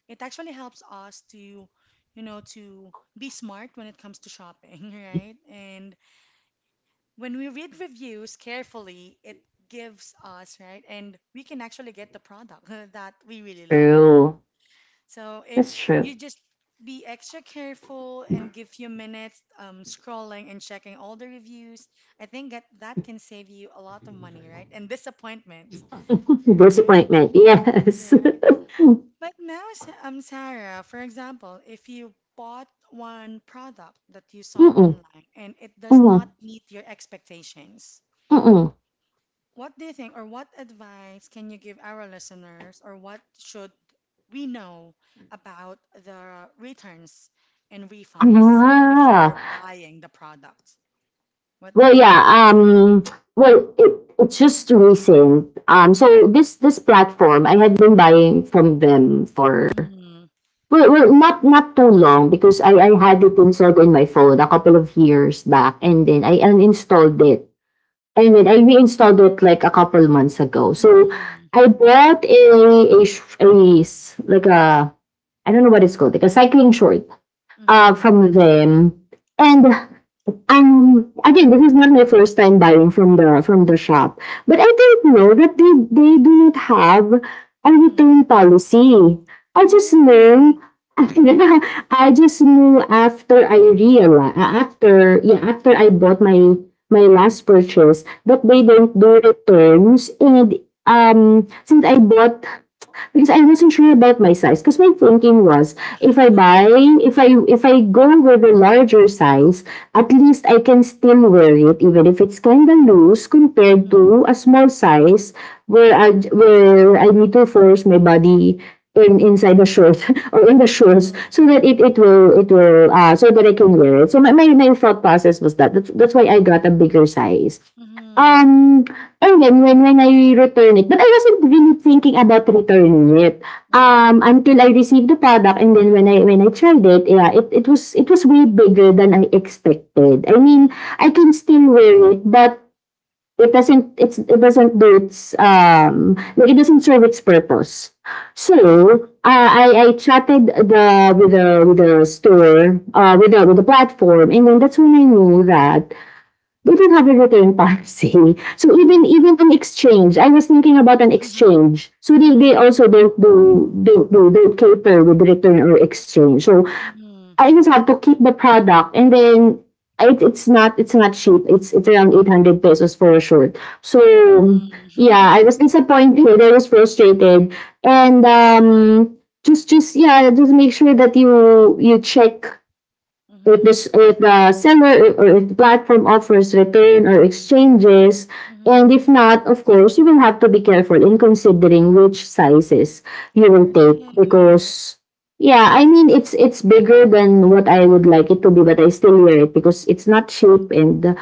[SPEAKER 1] It actually helps us to, you know, to be smart when it comes to shopping, right? And when we read reviews carefully, it gives us, right? And we can actually get the product that we really love, right?
[SPEAKER 2] True.
[SPEAKER 1] So if
[SPEAKER 2] That's true.
[SPEAKER 1] you just be extra careful and give few minutes um, scrolling and checking all the reviews, I think that that can save you a lot of money, right? And disappointment, right?
[SPEAKER 2] Disappointment. Yes.
[SPEAKER 1] Right. But now, Sa- um, Sarah, for example, if you bought one product that you saw
[SPEAKER 2] Mm-mm.
[SPEAKER 1] online and it does not
[SPEAKER 2] Mm-mm.
[SPEAKER 1] meet your expectations,
[SPEAKER 2] Mm-mm.
[SPEAKER 1] what do you think, or what advice can you give our listeners, or what should we know about the returns and refunds before
[SPEAKER 2] Ah.
[SPEAKER 1] buying the product? What do
[SPEAKER 2] Well,
[SPEAKER 1] you think?
[SPEAKER 2] yeah. Um. Well, it, it's just recent. Um. So this this platform, I had been buying from them for,
[SPEAKER 1] Mm-hmm,
[SPEAKER 2] well, well, not not too long, because I I
[SPEAKER 1] mm-hmm,
[SPEAKER 2] had it installed in my phone a couple of years back, and then I uninstalled it, I mean, I reinstalled it like a couple months ago. So
[SPEAKER 1] mm-hmm,
[SPEAKER 2] I bought a a, sh- a s- like a I don't know what it's called, like a cycling short uh
[SPEAKER 1] mm-hmm,
[SPEAKER 2] from them. And um, again, this is not my first time buying from the from the shop, but I didn't know that they they do not have a return policy. I just
[SPEAKER 1] mm-hmm, mm-hmm,
[SPEAKER 2] know. I just knew after, I realized after, yeah, after I bought my my last purchase, that they
[SPEAKER 1] mm-hmm,
[SPEAKER 2] don't do returns. And um since I bought, because I wasn't sure about my size, because my thinking was, if I buy, if I if I go with a larger size, at least I can still wear it, even if it's kind of loose, compared to a small size where I, where I need to force my body in inside the shirt or in the shorts,
[SPEAKER 1] mm-hmm.
[SPEAKER 2] so that it, it will it will uh, so that I can wear it. So my, my, my thought process was that that's, that's why I got a bigger size.
[SPEAKER 1] Mhm.
[SPEAKER 2] Um, and then when when I return it, but I wasn't really thinking about returning it,
[SPEAKER 1] Mhm.
[SPEAKER 2] um, until I received the product. And then when I when I tried it, yeah, it it was it was way bigger than I expected. I mean,
[SPEAKER 1] Mhm.
[SPEAKER 2] I can still wear it, but it doesn't it's it doesn't do its um, like it doesn't serve its purpose. So,
[SPEAKER 1] Mhm.
[SPEAKER 2] uh, I I chatted the with the with the store, uh, with the with the platform, and then that's when I knew that they don't have a return policy. So even
[SPEAKER 1] Mhm.
[SPEAKER 2] even an exchange, I was thinking about an exchange. So they,
[SPEAKER 1] Mhm.
[SPEAKER 2] they
[SPEAKER 1] Mhm.
[SPEAKER 2] also don't do don't do don't cater with return or exchange. So I just have to keep the product. And then it, it's not it's not cheap. It's it's around eight hundred pesos for a shirt. So yeah,
[SPEAKER 1] Mhm.
[SPEAKER 2] I was disappointed. I was frustrated, and um, just just yeah, just make sure that you you check if
[SPEAKER 1] Mhm.
[SPEAKER 2] this if the seller or if the platform offers return or exchanges. And if
[SPEAKER 1] Mhm.
[SPEAKER 2] not, of course you will have to be careful in considering which sizes you will take,
[SPEAKER 1] Right.
[SPEAKER 2] because yeah, I mean, it's it's bigger than what I would like it to be, but I still wear it because it's not cheap. And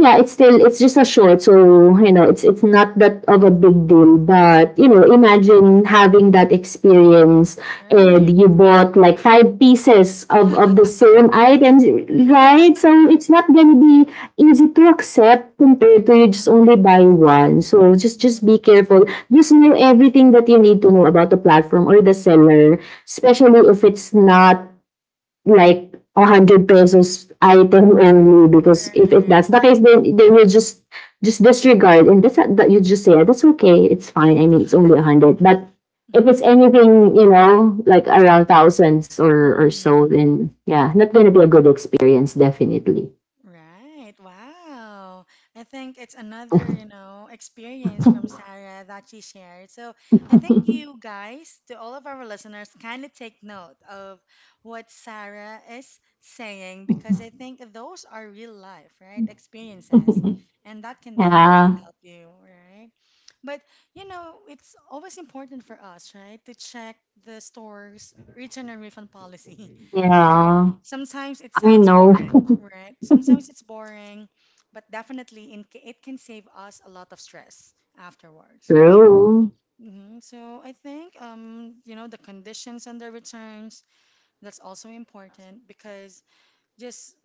[SPEAKER 2] yeah, it's still, it's just a short, so you know, it's it's not that of a big deal. But you know,
[SPEAKER 1] Mhm.
[SPEAKER 2] imagine having that experience and
[SPEAKER 1] Right.
[SPEAKER 2] you bought like five pieces of of the same items, right? So it's not gonna be easy to accept, compared to you just
[SPEAKER 1] Mhm.
[SPEAKER 2] only buy one. So just just
[SPEAKER 1] Mhm.
[SPEAKER 2] be careful. Just know everything that you need to know about the platform or the seller, especially if it's not like a hundred pesos item only, because if, if that's
[SPEAKER 1] Right.
[SPEAKER 2] the case, then then you just just disregard, and that's that. You just say, "Ah, that's okay, it's fine, I mean, it's only a hundred." But if it's
[SPEAKER 1] Mhm.
[SPEAKER 2] anything, you know, like around thousands or or so,
[SPEAKER 1] Mhm.
[SPEAKER 2] then yeah, not gonna be a good experience, definitely.
[SPEAKER 1] Right. Wow. I think it's another, you know, experience from Sarah that she shared. So I think you guys, to all of our listeners, kind of take note of what Sarah is saying because I think those are real life, right? Experiences. And that can
[SPEAKER 2] Yeah.
[SPEAKER 1] definitely help you, right? But, you know, it's always important for us, right, to check the store's return and refund policy, right?
[SPEAKER 2] Yeah,
[SPEAKER 1] Sometimes it
[SPEAKER 2] I
[SPEAKER 1] sounds
[SPEAKER 2] know.
[SPEAKER 1] boring, right? Sometimes it's boring, but definitely in, it can save us a lot of stress afterwards, right?
[SPEAKER 2] True.
[SPEAKER 1] Hmm. So I think um, you know, the conditions and the returns, that's also important because just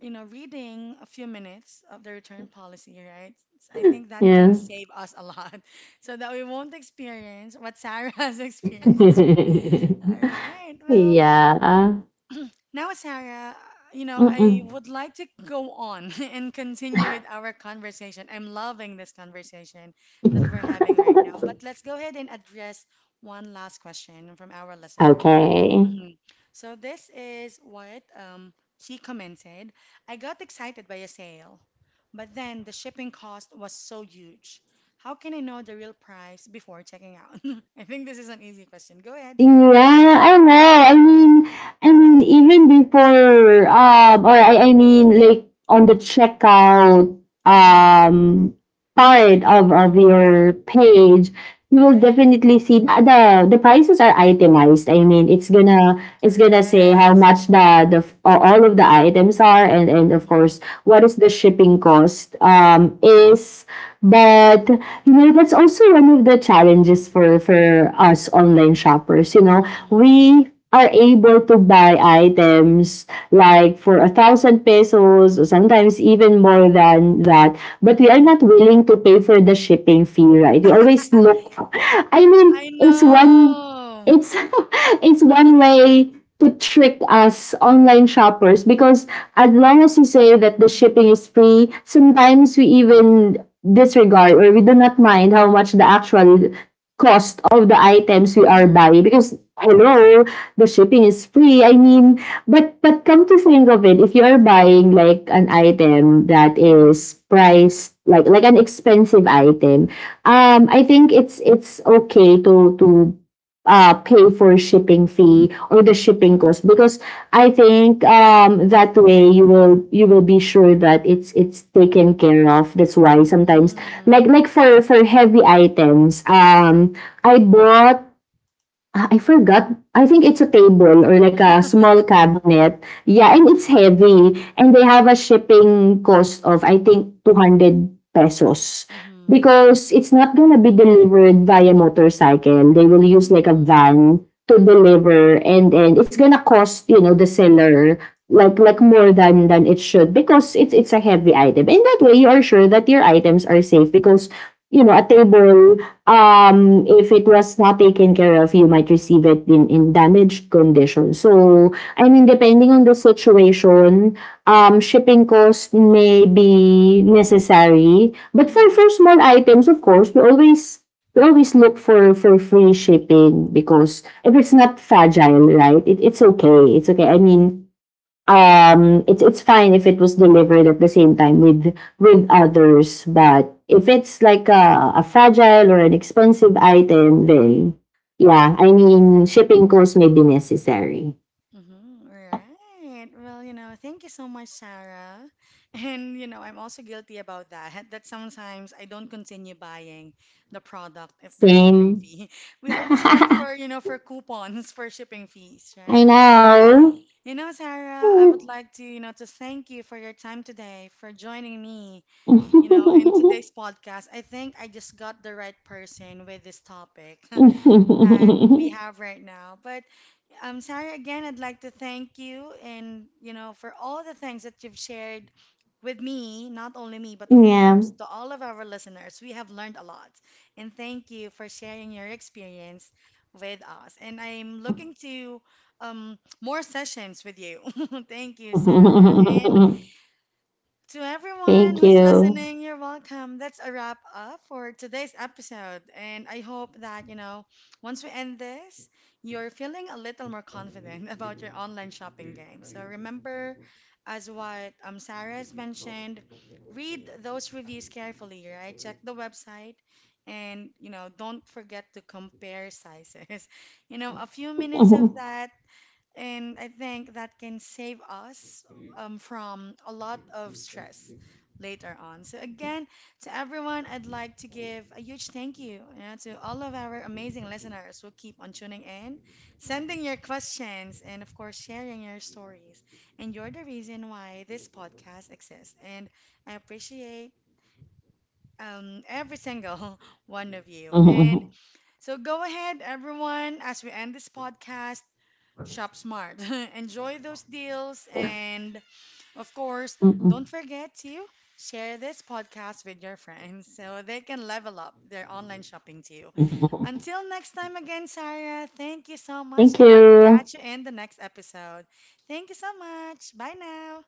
[SPEAKER 1] you know, reading a few minutes of the return policy, right? I think that
[SPEAKER 2] Yeah.
[SPEAKER 1] can save us a lot so that we won't experience what Sarah has experienced, right? All right. Well,
[SPEAKER 2] Yeah.
[SPEAKER 1] now, Sarah, you know, I
[SPEAKER 2] Mm-mm.
[SPEAKER 1] would like to go on and continue with our conversation. I'm loving this conversation that we're having right now, but let's go ahead and address one last question from our listener.
[SPEAKER 2] Okay.
[SPEAKER 1] Hmm. So, this is what um, she commented. I got excited by a sale, but then the shipping cost was so huge. How can I know the real price before checking out? I think this is an easy question. Go ahead,
[SPEAKER 2] Yeah,
[SPEAKER 1] Sarah.
[SPEAKER 2] I know. I mean, I mean, even before, um, or I, I mean, like on the checkout,
[SPEAKER 1] Mhm.
[SPEAKER 2] um, part of,
[SPEAKER 1] Mhm.
[SPEAKER 2] of
[SPEAKER 1] Mhm.
[SPEAKER 2] your page, you will
[SPEAKER 1] Right.
[SPEAKER 2] definitely see th- the the prices are itemized. I mean, it's gonna it's gonna say how
[SPEAKER 1] Correct.
[SPEAKER 2] much the the f- a- all of the items are, and and of course,
[SPEAKER 1] Hmm.
[SPEAKER 2] what is the shipping cost, um,
[SPEAKER 1] Correct.
[SPEAKER 2] is, but you know, that's also one of the challenges for for us online shoppers. You know,
[SPEAKER 1] Hmm.
[SPEAKER 2] we are able to buy items like for a thousand pesos or sometimes even more than that, but we are
[SPEAKER 1] Hmm.
[SPEAKER 2] not willing to pay for the shipping fee, right? We always look, I mean,
[SPEAKER 1] I
[SPEAKER 2] it's one
[SPEAKER 1] know.
[SPEAKER 2] it's it's one way to trick us online shoppers, because as long as you say that the
[SPEAKER 1] Hmm.
[SPEAKER 2] shipping
[SPEAKER 1] Hmm.
[SPEAKER 2] is free, sometimes we even disregard, or we do not mind how much the actual cost of the items we are
[SPEAKER 1] Hmm.
[SPEAKER 2] buying, because hello, the shipping is free. I mean, but but come to think of it, if you are buying like an item that
[SPEAKER 1] Hmm.
[SPEAKER 2] is priced like like an expensive item, um I think it's it's okay to to uh pay for shipping fee or the shipping
[SPEAKER 1] Hmm.
[SPEAKER 2] cost, because I think, um, that way you will you will be sure that it's it's taken care of. That's why
[SPEAKER 1] Hmm.
[SPEAKER 2] sometimes,
[SPEAKER 1] Hmm.
[SPEAKER 2] like like for for heavy items, um, I bought, ah, I forgot. I think it's a table or like a small cabinet. Yeah, and
[SPEAKER 1] Hmm.
[SPEAKER 2] it's heavy. And they have a shipping cost of, I think, two hundred pesos.
[SPEAKER 1] Hmm. Hmm.
[SPEAKER 2] Because it's not going to be delivered via motorcycle. They will use like a van to deliver. And then it's going to cost, you know, the seller like like more than than it should, because it's it's a heavy item. And that way you are sure that your items are safe, because you know, a table, um, if it was not taken care of, you might receive it in, in damaged condition. So, I mean,
[SPEAKER 1] Hmm.
[SPEAKER 2] depending on the situation, um,
[SPEAKER 1] Hmm.
[SPEAKER 2] shipping cost may be necessary. But for,
[SPEAKER 1] Hmm.
[SPEAKER 2] for small items, of course, we always we always look for, for free shipping, because if it's not fragile, right, it, it's okay. It's okay. I mean, um it's it's fine if it was delivered at the same time with with others. But if it's like a, a fragile or an expensive item, then yeah, I mean, shipping costs may be necessary.
[SPEAKER 1] Mm-hmm. Right. Well, you know, thank you so much, Sarah. And, you know, I'm also guilty about that, that sometimes I don't continue buying the product if there's shipping
[SPEAKER 2] Same.
[SPEAKER 1] fee. We
[SPEAKER 2] I
[SPEAKER 1] always look for, you know, for coupons for shipping fees, right? Well,
[SPEAKER 2] know.
[SPEAKER 1] you know, Sarah, I would like to, you know, to thank you for your time today, for joining me, you know, in today's podcast. I think I just got the right person with this topic that we have right now. But um, Sarah, again, I'd like to thank you and, you know, for all the things that you've shared with me, not only me, but of
[SPEAKER 2] Yeah.
[SPEAKER 1] course, to all of our listeners. We have learned a lot. And thank you for sharing your experience with us. And I'm looking to um, more sessions with you. Thank you, Sarah. And to everyone
[SPEAKER 2] Thank
[SPEAKER 1] who's
[SPEAKER 2] you.
[SPEAKER 1] listening, you're welcome. That's a wrap up for today's episode. And I hope that, you know, once we end this, you're feeling a little more confident about your online shopping game. So remember, as what um, Sarah has mentioned, read those reviews carefully, right? Check the website and, you know, don't forget to compare sizes. You know, a few minutes of that and I think that can save us um, from a lot of stress later on. So, again, to everyone, I'd like to give a huge thank you, you know, to all of our amazing listeners who keep on tuning in, sending your questions, and of course, sharing your stories. And you're the reason why this podcast exists. And I appreciate um, every single one of you. And so, go ahead, everyone, as we end this podcast. Shop smart. Enjoy those deals. And of course, don't forget to share this podcast with your friends so they can level up their online shopping too. Until next time again, Sarah, thank you so much.
[SPEAKER 2] Thank
[SPEAKER 1] And I'll
[SPEAKER 2] you.
[SPEAKER 1] catch you in the next episode. Thank you so much. Bye now.